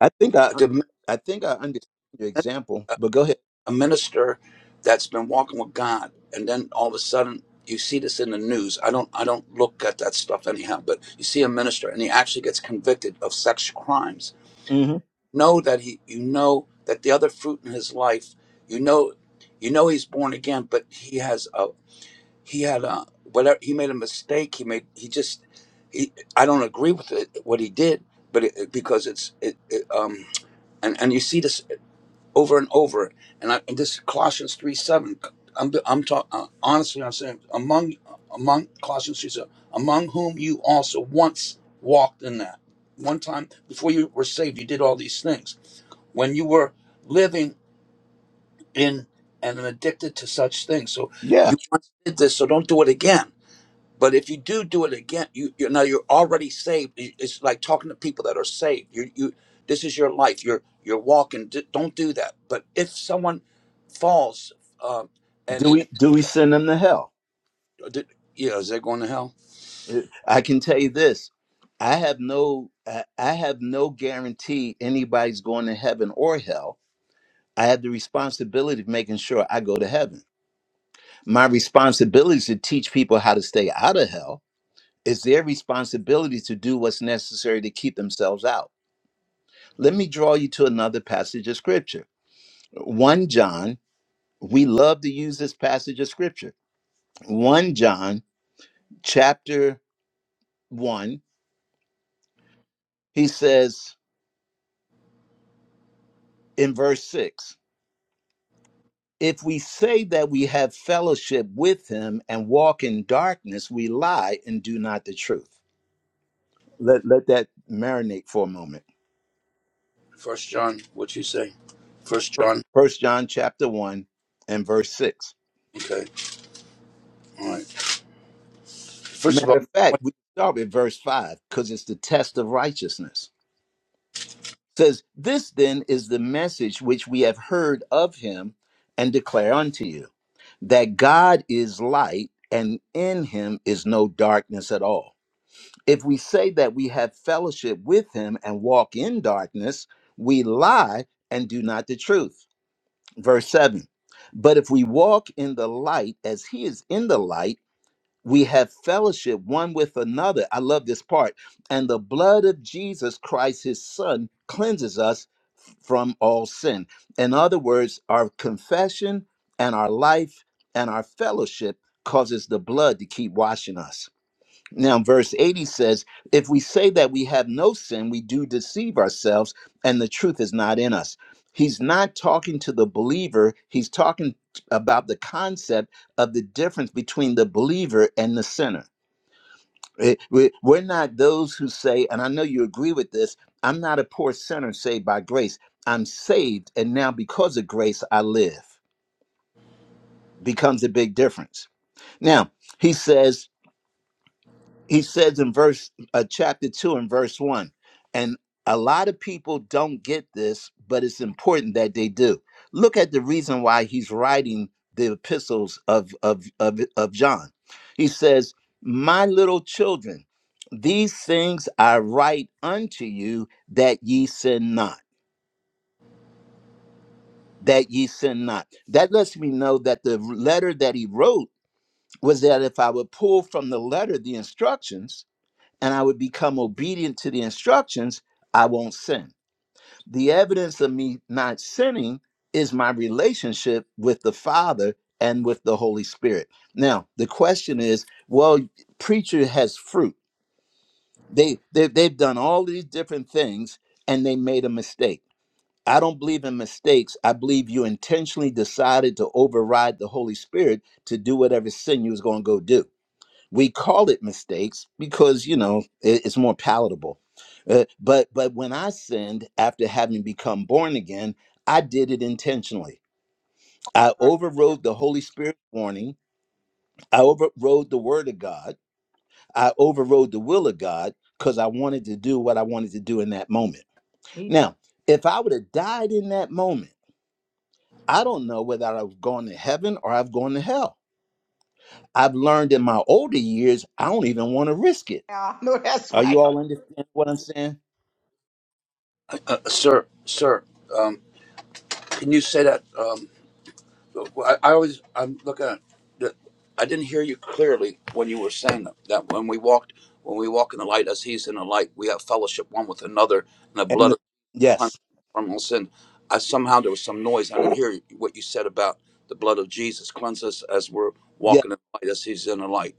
I think I,
the-
I think I understand your example, but go ahead.
a minister that's been walking with god and then all of a sudden you see this in the news i don't i don't look at that stuff anyhow but you see a minister and he actually gets convicted of sex crimes
hmm
know that he you know that the other fruit in his life you know you know he's born again but he has a he had a whatever he made a mistake he made he just he, i don't agree with it, what he did but it, because it's it, it um and and you see this. over and over. And, I, and this Colossians three seven. I'm I'm talking uh, honestly. I'm saying among among Colossians three seven, among whom you also once walked in that. One time before you were saved, you did all these things when you were living in and addicted to such things. So
Yeah.
you once did this, so don't do it again. But if you do do it again, you you now you're already saved. It- It's like talking to people that are saved. You you this is your life. You're you're walking. D- Don't do that. But if someone falls, uh, and,
Do
and
we do we send them to hell?
did, yeah, is that going to hell?
Uh, I can tell you this. I have no I I have no guarantee anybody's going to heaven or hell. I have the responsibility of making sure I go to heaven. My responsibility is to teach people how to stay out of hell. It's their responsibility to do what's necessary to keep themselves out. Let me draw you to another passage of scripture. 1 John we love to use this passage of scripture. 1 John chapter 1, he says in verse 6 If we say that we have fellowship with him and walk in darkness, we lie and do not the truth. Let, let that marinate for a moment.
First John, what you say? First John.
First John chapter 1 and verse 6.
Okay, all right. First of
Matter
all,
of fact, we start with verse 5 because it's the test of righteousness. It says, This then is the message which we have heard of him and declare unto you that God is light and in him is no darkness at all. If we say that we have fellowship with him and walk in darkness, we lie and do not the truth. Verse 7. But if we walk in the light as he is in the light, we have fellowship one with another. I love this part. And the blood of Jesus Christ, his son, cleanses us from all sin. In other words, our confession and our life and our fellowship causes the blood to keep washing us. Now, verse 80 says, If we say that we have no sin, we do deceive ourselves, and the truth is not in us. He's not talking to the believer, he's talking about the concept of the difference between the believer and the sinner. Eh, we- We're not those who say, and I know you agree with this I'm not a poor sinner saved by grace. I'm saved, and now because of grace, I live. Becomes a big difference. Now, he says, he says in verse uh, chapter 2 and verse 1 and a lot of people don't get this but it's important that they do look at the reason why he's writing the epistles of of of, of john he says my little children these things i write unto you that ye sin not that ye sin not that lets me know that the letter that he wrote was that if i would pull from the letter the instructions and I would become obedient to the instructions, I won't sin. The evidence of me not sinning is my relationship with the Father and with the Holy Spirit. Now, the question is, well, preacher has fruit. They, they they've done all these different things and they made a mistake. I don't believe in mistakes. I believe you intentionally decided to override the Holy Spirit to do whatever sin you was going to go do we call it mistakes because you know it- it's more palatable Uh, but but when i sinned after having become born again i did it intentionally i overrode the holy spirit warning i overrode the word of god i overrode the will of god because i wanted to do what i wanted to do in that moment
Me
now if i would have died in that moment i don't know whether i've gone to heaven or i've gone to hell i've learned in my older years i don't even want to risk it
now. [laughs] No, that's
Are you
right.
all understanding what I'm saying?
uh, sir, sir, um, can you say that? um, Well, I, I always I'm looking at the, I didn't hear you clearly when you were saying that, that when we walked when we walk in the light as he's in the light we have fellowship one with another and the
And
blood
the,
of the Lamb
yes,
from all sin I somehow there was some noise I didn't hear what you said about the blood of Jesus cleanse us as we're
yes.
walking in the light as he's in the light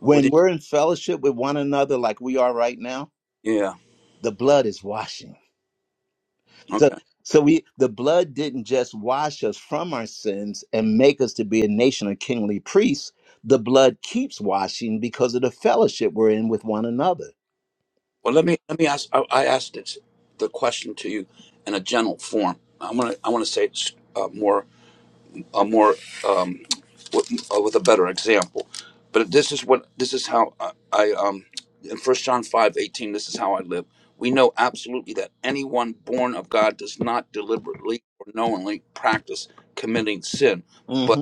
what
When
did
we're in fellowship with one another, like we are right now,
yeah
the blood is washing. So
okay
so we the blood didn't just wash us from our sins and make us to be a nation of kingly priests. The blood keeps washing because of the fellowship we're in with one another.
well let me let me ask I, I asked it, the question to you in a general form I want to I want to say it uh, more a more um, with, uh, with a better example. But this is what this is how I, I um in First John five eighteen. This is how I live. We know absolutely that anyone born of God does not deliberately or knowingly practice committing sin, but
hmm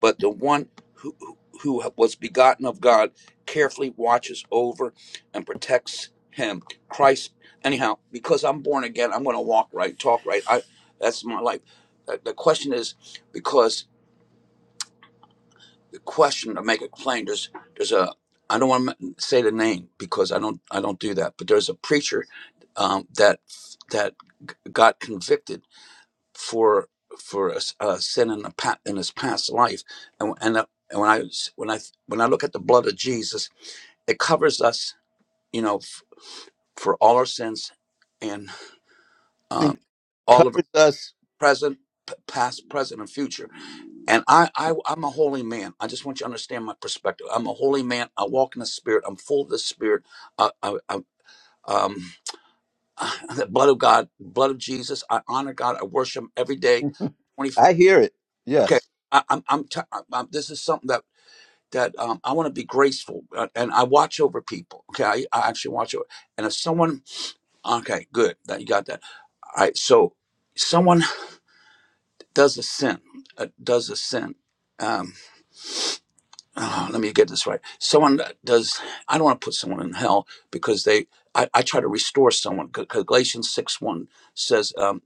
but the one who who who was begotten of God carefully watches over and protects him. Christ, anyhow, because I'm born again, I'm going to walk right, talk right. I that's my life. Uh, The question is because the question to make it plain. There's there's a I don't want to say the name because I don't I don't do that. But there's a preacher um, that that got convicted for for a a sin in a pa- in his past life, and and, uh, and when I s- when I when I look at the blood of Jesus, it covers us, you know, f- for all our sins and um, all of our
Covers us.
present, p- past, present, and future And I, I, I'm a holy man. I just want you to understand my perspective. I'm a holy man. I walk in the Spirit. I'm full of the Spirit. Uh, I, I, um, [laughs] [sighs] the blood of God, blood of Jesus. I honor God. I worship Him every day. Twenty.
I hear it.
Okay.
Yes.
I, I'm. I'm, t- I'm. I'm- This is something that that um, I want to be graceful, uh, and I watch over people. Okay. I, I actually watch over. And if someone, okay, good. That you got that. All right. So someone does a sin. Uh, does a sin. um, oh, let me get this right. Someone that does, I don't want to put someone in hell because they, I, I try to restore someone. Because Galatians 6 1 says, um,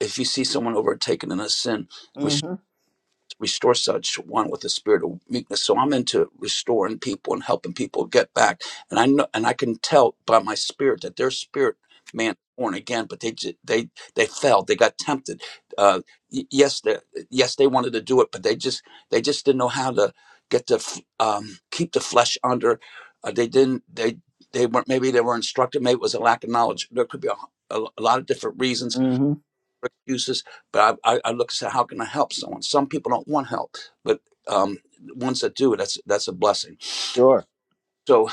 if you see someone overtaken in a sin, restore such one with a spirit of meekness. So I'm into restoring people and helping people get back. And I know, and I can tell by my spirit that their spirit man born again, but they ju- they they fell. They got tempted. Uh, y- yes, they yes they wanted to do it, but they just they just didn't know how to get the f- um, keep the flesh under. Uh, they didn't they they weren't maybe they were instructed. Maybe it was a lack of knowledge. There could be a, a lot of different reasons
hmm
excuses, but I, I, I look and say, how can I help someone? Some people don't want help, but um, ones that do, that's that's a blessing.
Sure.
So,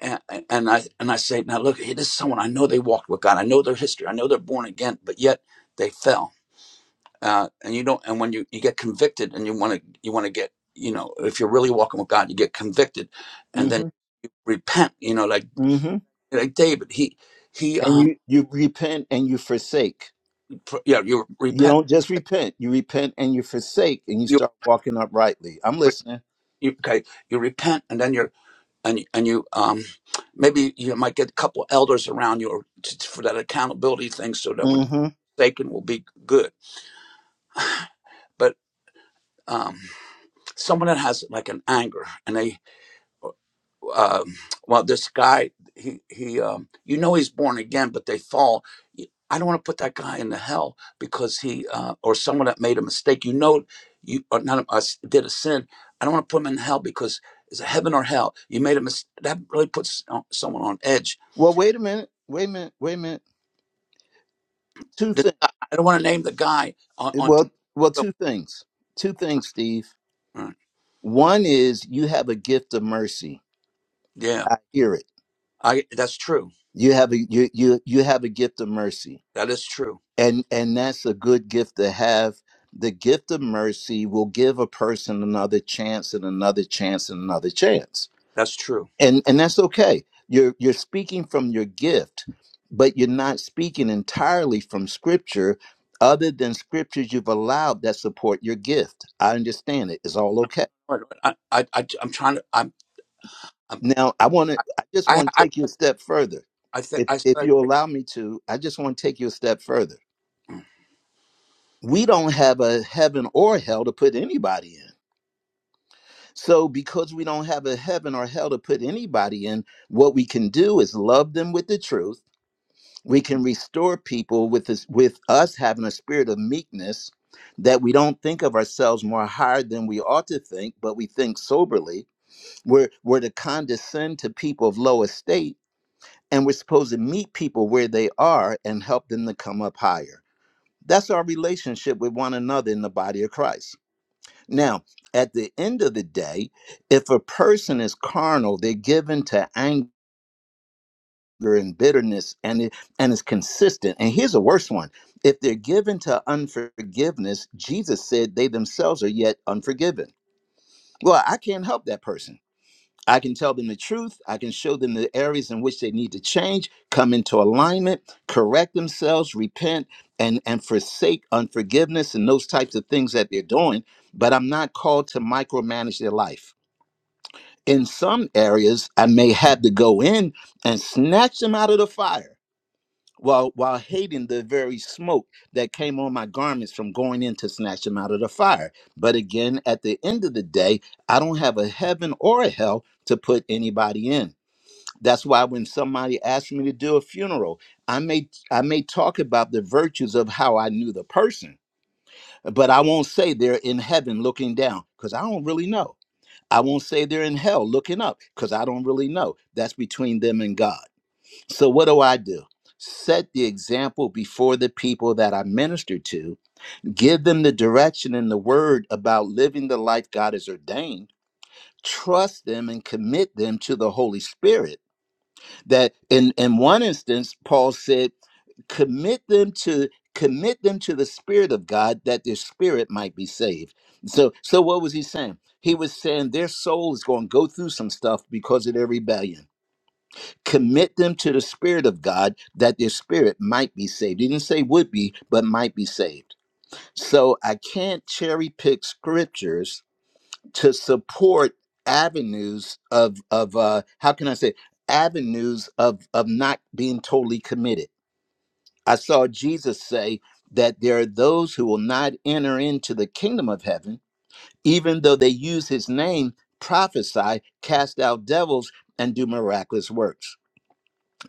and, and I and I say, now look, hey, this is someone I know they walked with God. I know their history. I know they're born again, but yet they fell. Uh, and you don't. And when you you get convicted, and you want to you want to get you know, if you're really walking with God, you get convicted, and
hmm
then you repent. You know, like
hmm
like David, he he
And
um
you you repent and you forsake.
pr- yeah, you
You
repent.
don't just repent. You repent and you forsake and you
You,
start walking uprightly. I'm
re-
listening.
you okay, you repent, and then you're and and you um maybe you might get a couple elders around you or t- t- for that accountability thing so that when
hmm
taken will be good but um someone that has like an anger and they um well this guy he he um you know he's born again but they fall Y- i don't want to put that guy into hell because he uh or someone that made a mistake you know you or none of us did a sin i don't want to put him in hell because it's heaven or hell you made a mistake that really puts uh, someone on edge
Well, wait a minute. Wait a minute. Wait a minute. Two
This,
things.
I I don't want to name the guy on, on TV,
Well, well,
but
two things. Two things, Steve.
Mm,
One is you have a gift of mercy.
yeah,
I hear it.
I that's true.
You have a you you you have a gift of mercy,
That is true.
and and that's a good gift to have. The gift of mercy will give a person another chance and another chance and another chance,
That's true.
and and that's okay. You're you're speaking from your gift, but you're not speaking entirely from Scripture, other than Scriptures you've allowed that support your gift. I understand it. It's all okay
But I, I, I I'm trying to. I'm, I'm
Now, I want to. I just
I,
want to
I,
take you a step further,
I, th-
if
I said I
if you
agree.
allow me to. I just want to take you a step further. We don't have a heaven or hell to put anybody in. So, because we don't have a heaven or hell to put anybody in, what we can do is love them with the truth. We can restore people with this, with us having a spirit of meekness, that we don't think of ourselves more higher than we ought to think, but we think soberly. We're we're to condescend to people of low estate and we're supposed to meet people where they are and help them to come up higher. That's our relationship with one another in the body of Christ. Now, at the end of the day, if a person is carnal, they're given to anger and bitterness and it, and is consistent. And here's a worse one. If they're given to unforgiveness, Jesus said they themselves are yet unforgiven. Well, I can't help that person I can tell them the truth. I can show them the areas in which they need to change, come into alignment, correct themselves, repent, and, and forsake unforgiveness and those types of things that they're doing. But I'm not called to micromanage their life. In some areas, I may have to go in and snatch them out of the fire while, while hating the very smoke that came on my garments from going in to snatch them out of the fire. But again, at the end of the day, I don't have a heaven or a hell to put anybody in. That's why when somebody asks me to do a funeral, I may I may talk about the virtues of how I knew the person, but I won't say they're in heaven looking down because I don't really know. I won't say they're in hell looking up because I don't really know. That's between them and God. So what do I do? Set the example before the people that I minister to, give them the direction and the word about living the life God has ordained, trust them and commit them to the Holy Spirit that in in one instance paul said commit them to commit them to the spirit of god that their spirit might be saved so so what was he saying he was saying their soul is going to go through some stuff because of their rebellion commit them to the spirit of god that their spirit might be saved he didn't say would be but might be saved so i can't cherry pick scriptures to support avenues of of uh how can i say avenues of of not being totally committed i saw jesus say that there are those who will not enter into the kingdom of heaven even though they use his name prophesy cast out devils and do miraculous works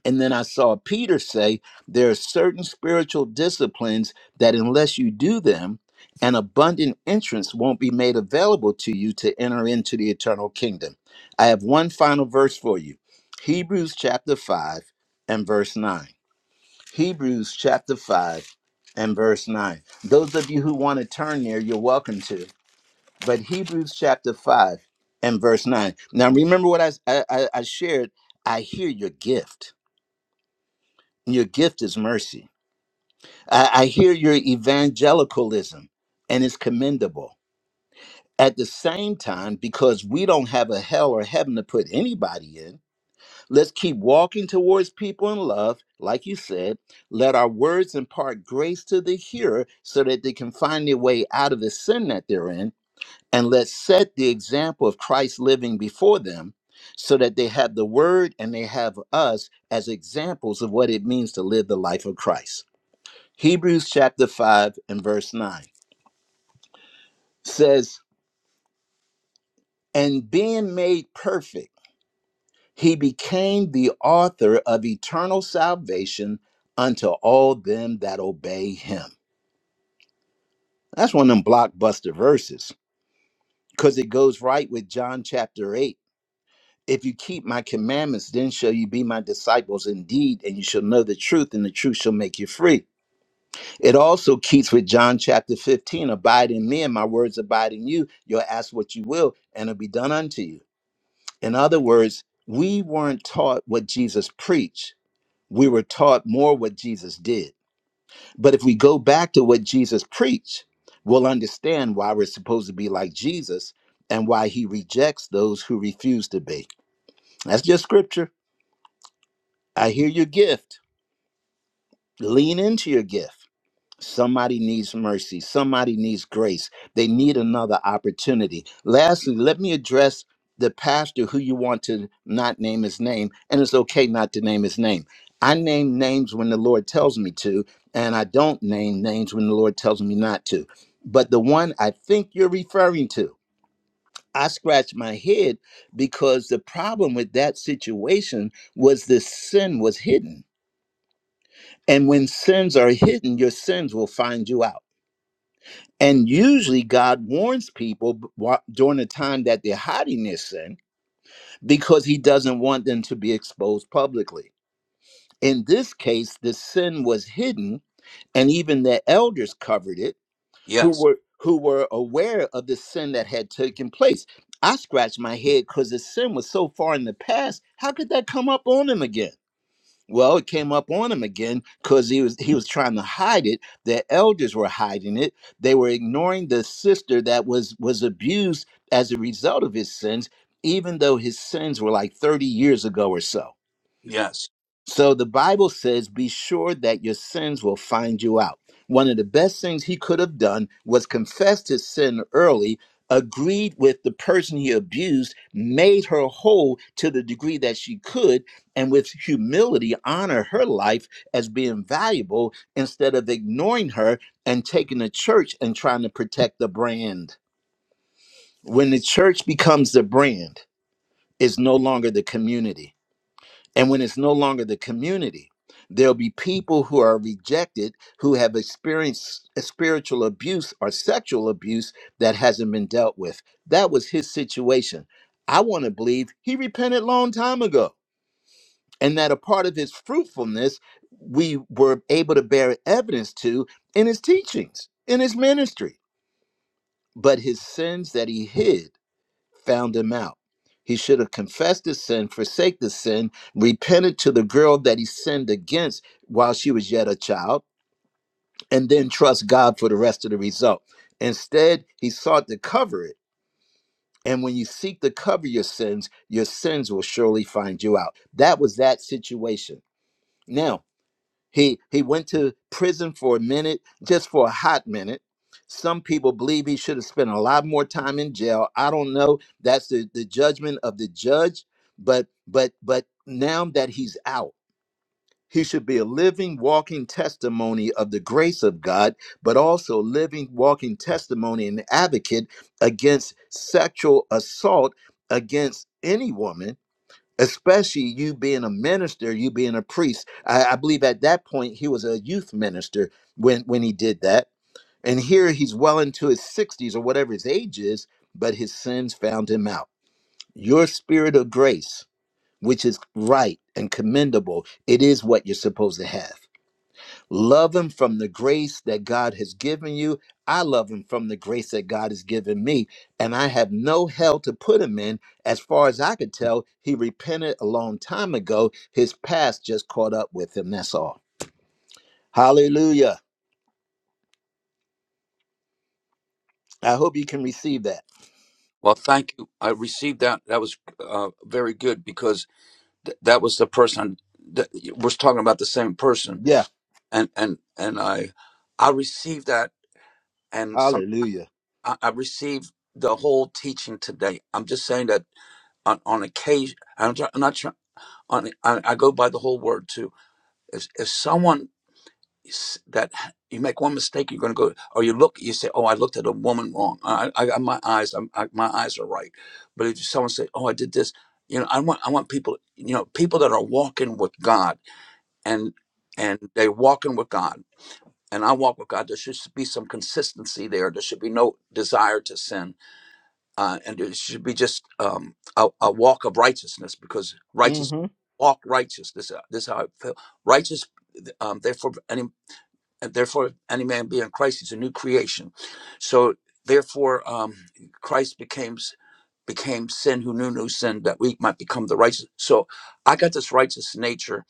and then I saw Peter say, There are certain spiritual disciplines that, unless you do them, an abundant entrance won't be made available to you to enter into the eternal kingdom. I have one final verse for you Hebrews chapter 5 and verse 9. Hebrews chapter 5 and verse 9. Those of you who want to turn there, you're welcome to. But Hebrews chapter 5 and verse 9. Now, remember what I, I, I I shared. I hear your gift. Your gift is mercy. I, I hear your evangelicalism, and it's commendable. At the same time, because we don't have a hell or heaven to put anybody in, let's keep walking towards people in love. Like you said, let our words impart grace to the hearer so that they can find their way out of the sin that they're in. And let's set the example of Christ living before them so that they have the word and they have us as examples of what it means to live the life of Christ. Hebrews chapter 5 and verse 9 says, And being made perfect, he became the author of eternal salvation unto all them that obey him. That's one of them blockbuster verses because it goes right with John chapter 8. If you keep my commandments, then shall you be my disciples indeed, and you shall know the truth, and the truth shall make you free. It also keeps with John chapter 15 Abide in me, and my words abide in you. You'll ask what you will, and it'll be done unto you In other words, we weren't taught what Jesus preached. We were taught more what Jesus did. But if we go back to what Jesus preached, we'll understand why we're supposed to be like Jesus and why he rejects those who refuse to be. That's just scripture. I hear your gift. Lean into your gift. Somebody needs mercy. Somebody needs grace. They need another opportunity. Lastly, let me address the pastor who you want to not name his name, and it's okay not to name his name. I name names when the Lord tells me to, and I don't name names when the Lord tells me not to. But the one I think you're referring to, I scratched my head because the problem with that situation was the sin was hidden. And when sins are hidden, your sins will find you out. And usually God warns people b- during the time that they're hiding their sin because he doesn't want them to be exposed publicly. In this case, the sin was hidden and even the elders covered it who
Yes,
were who were aware of the sin that had taken place. I scratched my head because the sin was so far in the past. How could that come up on them again? Well, it came up on him again because he was he was trying to hide it. The elders were hiding it. They were ignoring the sister that was was abused as a result of his sins, even though his sins were like 30 years ago or so.
yes.
So the Bible says, be sure that your sins will find you out. One of the best things he could have done was confessed his sin early, agreed with the person he abused, made her whole to the degree that she could, and with humility honor her life as being valuable instead of ignoring her and taking the church and trying to protect the brand. When the church becomes the brand, it's no longer the community and when it's no longer the community, there'll be people who are rejected who have experienced a spiritual abuse or sexual abuse that hasn't been dealt with. That was his situation. I want to believe he repented long time ago and that a part of his fruitfulness we were able to bear evidence to in his teachings, in his ministry. But his sins that he hid found him out. He should have confessed his sin, forsake the sin, repented to the girl that he sinned against while she was yet a child, and then trust God for the rest of the result. Instead, he sought to cover it. And when you seek to cover your sins, your sins will surely find you out. That was that situation. Now, he he went to prison for a minute, just for a hot minute. Some people believe he should have spent a lot more time in jail. I don't know. That's the, the judgment of the judge. But but but now that he's out, he should be a living, walking testimony of the grace of God, but also living, walking testimony and advocate against sexual assault against any woman especially you being a minister, you being a priest. I, I believe at that point he was a youth minister when when he did that, and here he's well into his sixties or whatever his age is, but his sins found him out. Your spirit of grace, which is right and commendable, it is what you're supposed to have. Love him from the grace that God has given you. I love him from the grace that God has given me. And I have no hell to put him in. As far as I could tell, he repented a long time ago. His past just caught up with him. That's all. Hallelujah. I hope you can receive that.
Well, thank you. I received that. That was uh, very good because th- that was the person that we're talking about. The same person,
Yeah.
and and and I, I received that, and some
Hallelujah.
I, I received the whole teaching today. I'm just saying that on, on occasion. I'm, try- I'm not trying. on I, I go by the whole word too. If if someone s- that you make one mistake, you're going to go, or you look, you say, "Oh, I looked at a woman wrong. I, I got my eyes, I'm, I, my eyes are right." But if someone say, "Oh, I did this," you know, I want I want people, you know, people that are walking with God and and they're walking with God, and I walk with God. There should be some consistency there. There should be no desire to sin uh, and it should be just um, a, a walk of righteousness because righteous
hmm
walk righteous. This uh, this is how I feel. Righteous, um, therefore, any and therefore any man be in Christ is a new creation. So therefore, um, Christ became became sin who knew no sin that we might become the righteous. So I got this righteous nature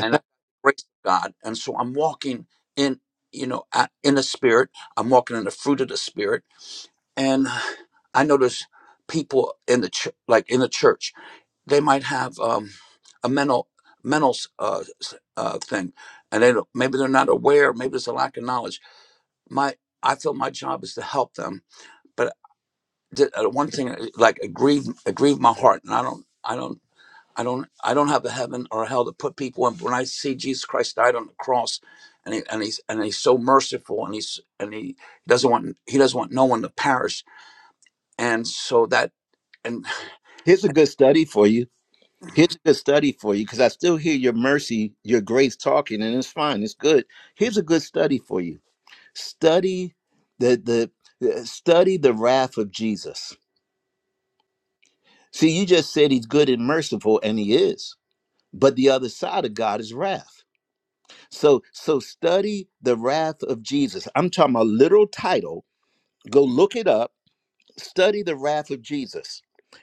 and I grace of God, and so I'm walking in you know a- in the Spirit. I'm walking in the fruit of the Spirit, and I notice people in the ch- like in the church, they might have um, a mental mental uh, s- uh, thing, and they don't, maybe they're not aware. Maybe there's a lack of knowledge. My I feel my job is to help them, but the- uh, one thing uh, like it grieved my heart, and I don't I don't. I don't. I don't have a heaven or a hell to put people in. But when I see Jesus Christ died on the cross, and he, and he's and he's so merciful, and he's and he doesn't want he doesn't want no one to perish. And so that and
Here's a good study for you. Here's a good study for you because I still hear your mercy, your grace talking, and it's fine. It's good. Here's a good study for you Study the the uh, study the wrath of Jesus. See, you just said he's good and merciful, and he is. But the other side of God is wrath. So so study the wrath of Jesus. I'm talking about literal title. Go look it up. Study the wrath of Jesus.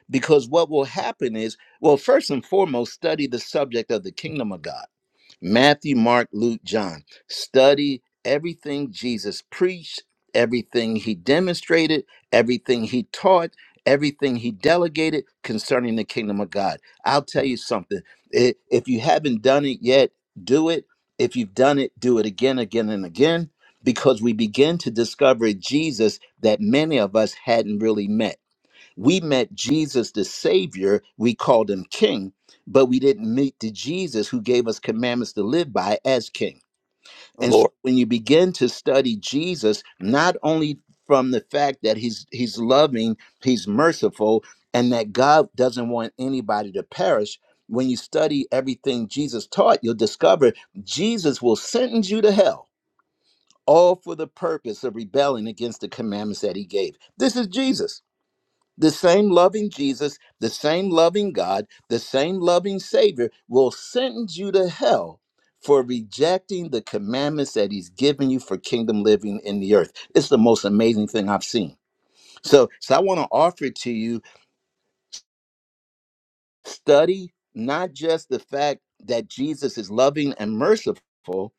Because what will happen is, well, first and foremost, study the subject of the kingdom of God Matthew, Mark, Luke, John. Study everything Jesus preached, everything he demonstrated, everything he taught, everything he delegated concerning the kingdom of God. I'll tell you something. i- If you haven't done it yet, do it. If you've done it, do it again, again, and again, because we begin to discover Jesus that many of us hadn't really met we met Jesus the Savior, we called him King, but we didn't meet the Jesus who gave us commandments to live by as King.
[sighs]
And
Lord.
so when you begin to study Jesus, not only from the fact that he's he's loving, he's merciful, and that God doesn't want anybody to perish, when you study everything Jesus taught, you'll discover Jesus will sentence you to hell, all for the purpose of rebelling against the commandments that he gave. This is Jesus. The same loving Jesus, the same loving God, the same loving Savior will sentence you to hell for rejecting the commandments that He's given you for kingdom living in the earth. It's the most amazing thing I've seen. So, so I want to offer to you study not just the fact that Jesus is loving and merciful,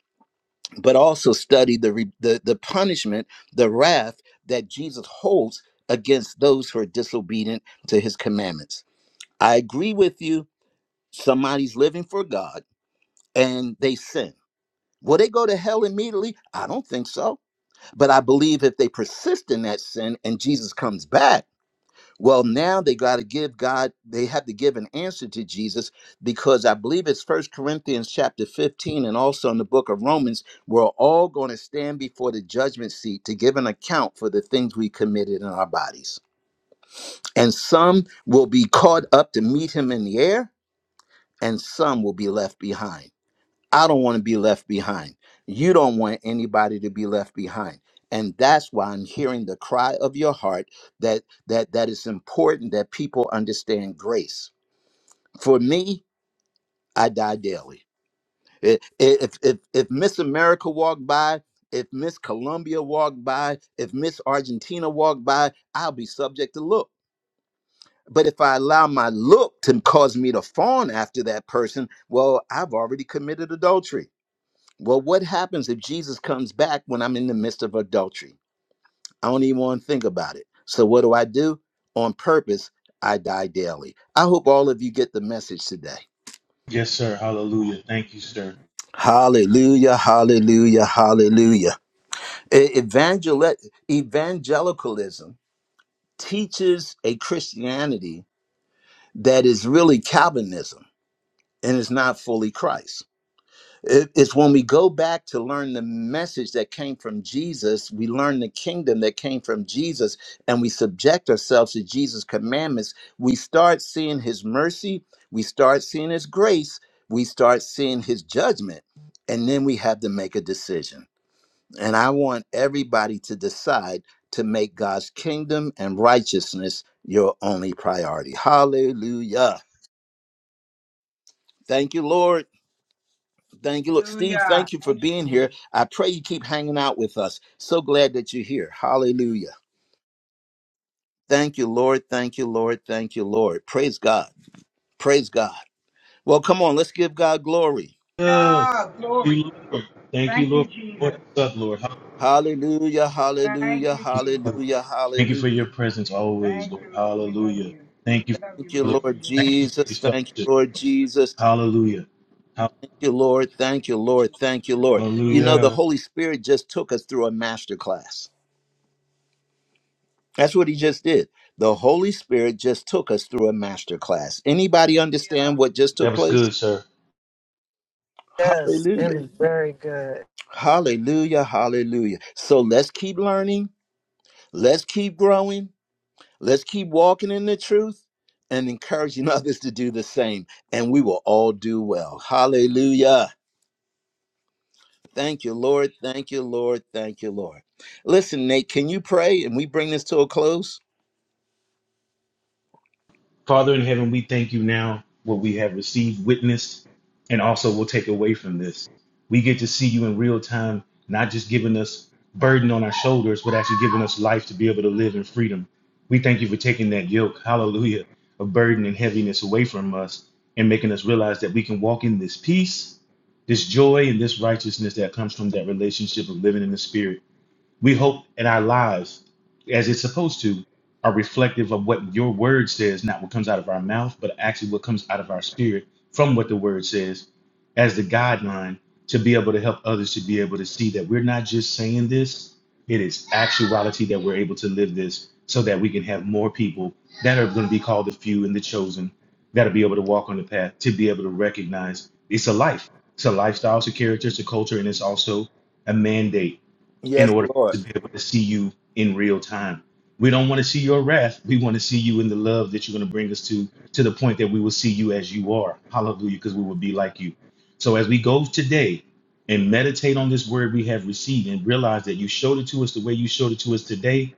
but also study the re- the, the punishment, the wrath that Jesus holds against those who are disobedient to His commandments. I agree with you somebody's living for God and they sin. Will they go to hell immediately? I don't think so. But I believe if they persist in that sin and Jesus comes back, well, now they got to give God, they have to give an answer to Jesus because I believe it's First Corinthians chapter 15 and also in the book of Romans, we're all going to stand before the judgment seat to give an account for the things we committed in our bodies. And some will be caught up to meet him in the air, and some will be left behind. I don't want to be left behind. You don't want anybody to be left behind. And that's why I'm hearing the cry of your heart that that that it's important that people understand grace. For me, I die daily. I- i- If if if Miss America walked by, if Miss Colombia walked by, if Miss Argentina walked by, I'll be subject to look. But if I allow my look to cause me to fawn after that person, well, I've already committed adultery. Well, what happens if Jesus comes back when I'm in the midst of adultery? I don't even want to think about it. So, what do I do? On purpose, I die daily. I hope all of you get the message today.
Yes, sir. Hallelujah. Thank you, sir.
Hallelujah, hallelujah, hallelujah. E- Evangel- evangelicalism teaches a Christianity that is really Calvinism and is not fully Christ. It- It's when we go back to learn the message that came from Jesus, we learn the kingdom that came from Jesus, and we subject ourselves to Jesus' commandments. We start seeing his mercy, we start seeing his grace, we start seeing his judgment, and then we have to make a decision. And I want everybody to decide to make God's kingdom and righteousness your only priority. Hallelujah. Thank you, Lord. Thank you. Look, Steve,
Hallelujah.
thank you for
Thank
being
you, Lord.
here. I pray you keep hanging out with us. So glad that you're here. Hallelujah. Thank you, Lord. Thank you, Lord. Thank you, Lord. Praise God. Praise God. Well, come on, let's give God glory.
Yeah.
God,
Thank you,
glory.
Lord. Thank you,
Thank you,
Lord, for
Jesus.
us up, Lord. Hallelujah.
Hallelujah.
Thank
Hallelujah.
you,
Father.
Jesus.
Hallelujah.
Thank you for
Hallelujah.
your presence always,
Thank
Lord.
you, Lord. We love
Hallelujah.
you.
Thank
We
you for
love you.
Thank
this
you,
We love
fellowship.
Lord
you. We love
Thank
you.
you for
Jesus.
this
Thank you,
fellowship.
Lord Jesus.
Hallelujah.
Thank you, Lord. Thank
Thank
you,
you,
Lord.
Jesus.
Thank you,
We love
Lord.
you,
You
Lord.
know, the
Hallelujah.
Holy Spirit just took us through a master class. That's what he just did. The Holy Spirit just took us through a master class. Anybody
Hallelujah.
understand what just
That
took
was
place?
good, sir.
Yes, it
Hallelujah.
was very good.
Hallelujah. Hallelujah. So let's keep learning. Let's keep growing. Let's keep walking in the truth and encouraging [laughs] others to do the same. And we will all do well. Hallelujah. Thank you, Lord. Thank you, Lord. Thank you, Lord. Listen, Nate, can you pray and we bring this to a close?
Father in heaven, we thank you now what we have received, witnessed, and also will take away from this. We get to see you in real time, not just giving us burden on our shoulders, but actually giving us life to be able to live in freedom. We thank you for taking that yoke, hallelujah, of burden and heaviness away from us and making us realize that we can walk in this peace, this joy, and this righteousness that comes from that relationship of living in the spirit. We hope in our lives, as it's supposed to, are reflective of what your word says, not what comes out of our mouth, but actually what comes out of our spirit from what the word says as the guideline to be able to help others to be able to see that we're not just saying this, it is actuality that we're able to live this so that we can have more people that are going to be called the few and the chosen that'll be able to walk on the path to be able to recognize it's a life. It's a lifestyle, it's a character, it's a culture, and it's also a mandate in
Yes,
order
Lord.
to be able to see you in real time. We don't want to see your wrath. We want to see you in the love that you're going to bring us to, to the point that we will see you as you are. Hallelujah, because we will be like you. So as we go today and meditate on this word we have received and realize that you showed it to us the way you showed it to us today,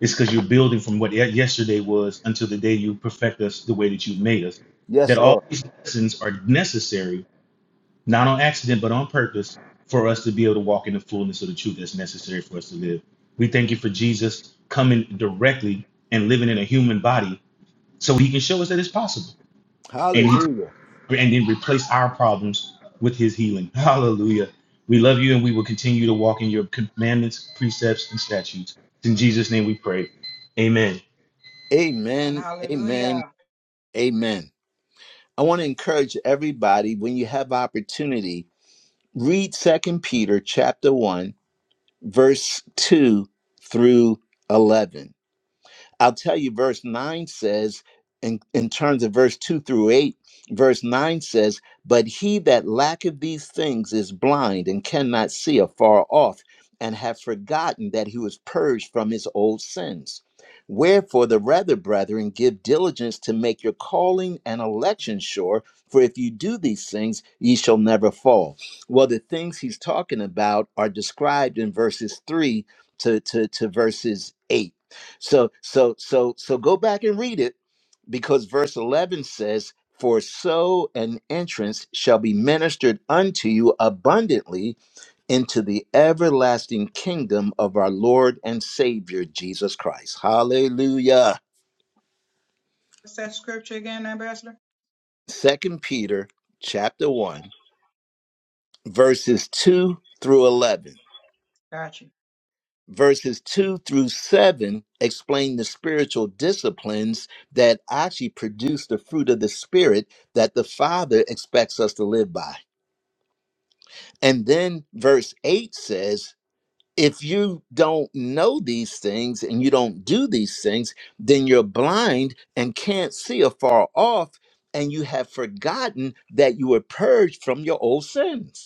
it's because you're building from what ye- yesterday was until the day you perfect us the way that you made us.
Yes,
That all
Lord.
these lessons are necessary not on accident, but on purpose, for us to be able to walk in the fullness of the truth that's necessary for us to live. We thank you for Jesus coming directly and living in a human body so he can show us that it's possible. And he
Hallelujah.
and then replace our problems with his healing. [laughs] Hallelujah. We love you and we will continue to walk in your commandments, precepts, and statutes. In Jesus' name we pray. Amen.
And
Amen. Amen.
hallelujah.
Amen. I want to encourage everybody when you have opportunity, read Second Peter chapter 1 verse 2 through 11. I'll tell you, verse 9 says, in, in terms of verse 2 through 8, verse 9 says, But he that lacketh these things is blind and cannot see afar off, and hath forgotten that he was purged from his old sins. Wherefore, the rather, brethren, give diligence to make your calling and election sure, for if you do these things, ye shall never fall. Well, the things he's talking about are described in verses 3 to, to, to verses 8 so so so so go back and read it because verse 11 says for so an entrance shall be ministered unto you abundantly into the everlasting kingdom of our Lord and Savior Jesus Christ. Hallelujah.
What's that scripture again, Ambassador?
Second Peter chapter 1 verses 2 through 11
Got you.
verses 2 through 7 explain the spiritual disciplines that actually produce the fruit of the spirit that the father expects us to live by and then verse 8 says if you don't know these things and you don't do these things then you're blind and can't see afar off and you have forgotten that you were purged from your old sins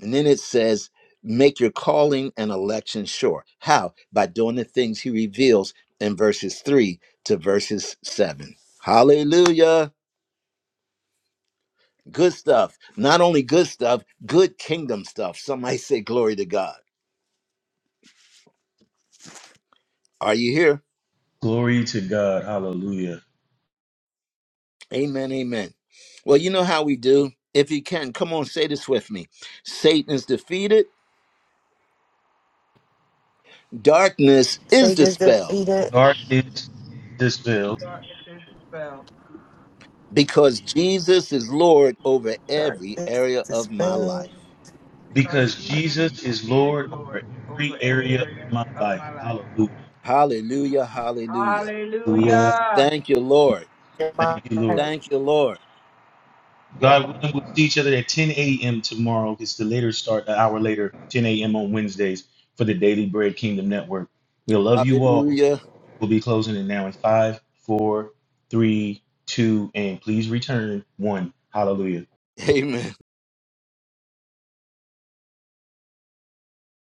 And then it says, make your calling and election sure. How? By doing the things he reveals in verses 3 to verses 7. Hallelujah. Good stuff. Not only good stuff, good kingdom stuff. Somebody say, Glory to God. Are you here?
Glory to God. Hallelujah.
Amen. Amen. Well, you know how we do. If you can, come on, say this with me Satan is defeated, darkness is
Satan is
dispelled
defeated.
Darkness dispelled
Darkness is dispelled
because Jesus is Lord over every
Darkness
area of my
dispelled.
life.
because
because
Jesus
Jesus is
is
Lord over
Lord
every
over every
area of
area
my
of
life.
my life.
Hallelujah. Hallelujah.
Hallelujah.
Hallelujah.
Thank you, Lord.
Thank you, Lord.
Thank you, Lord.
God willing, we'll see each other at 10 a.m. tomorrow. It's the later start, an hour later, 10 a.m. on Wednesdays for the Daily Bread Kingdom Network. We love you all.
Hallelujah.
We'll be closing it now in five, four, three, two, and please return one. Hallelujah.
[laughs] Amen.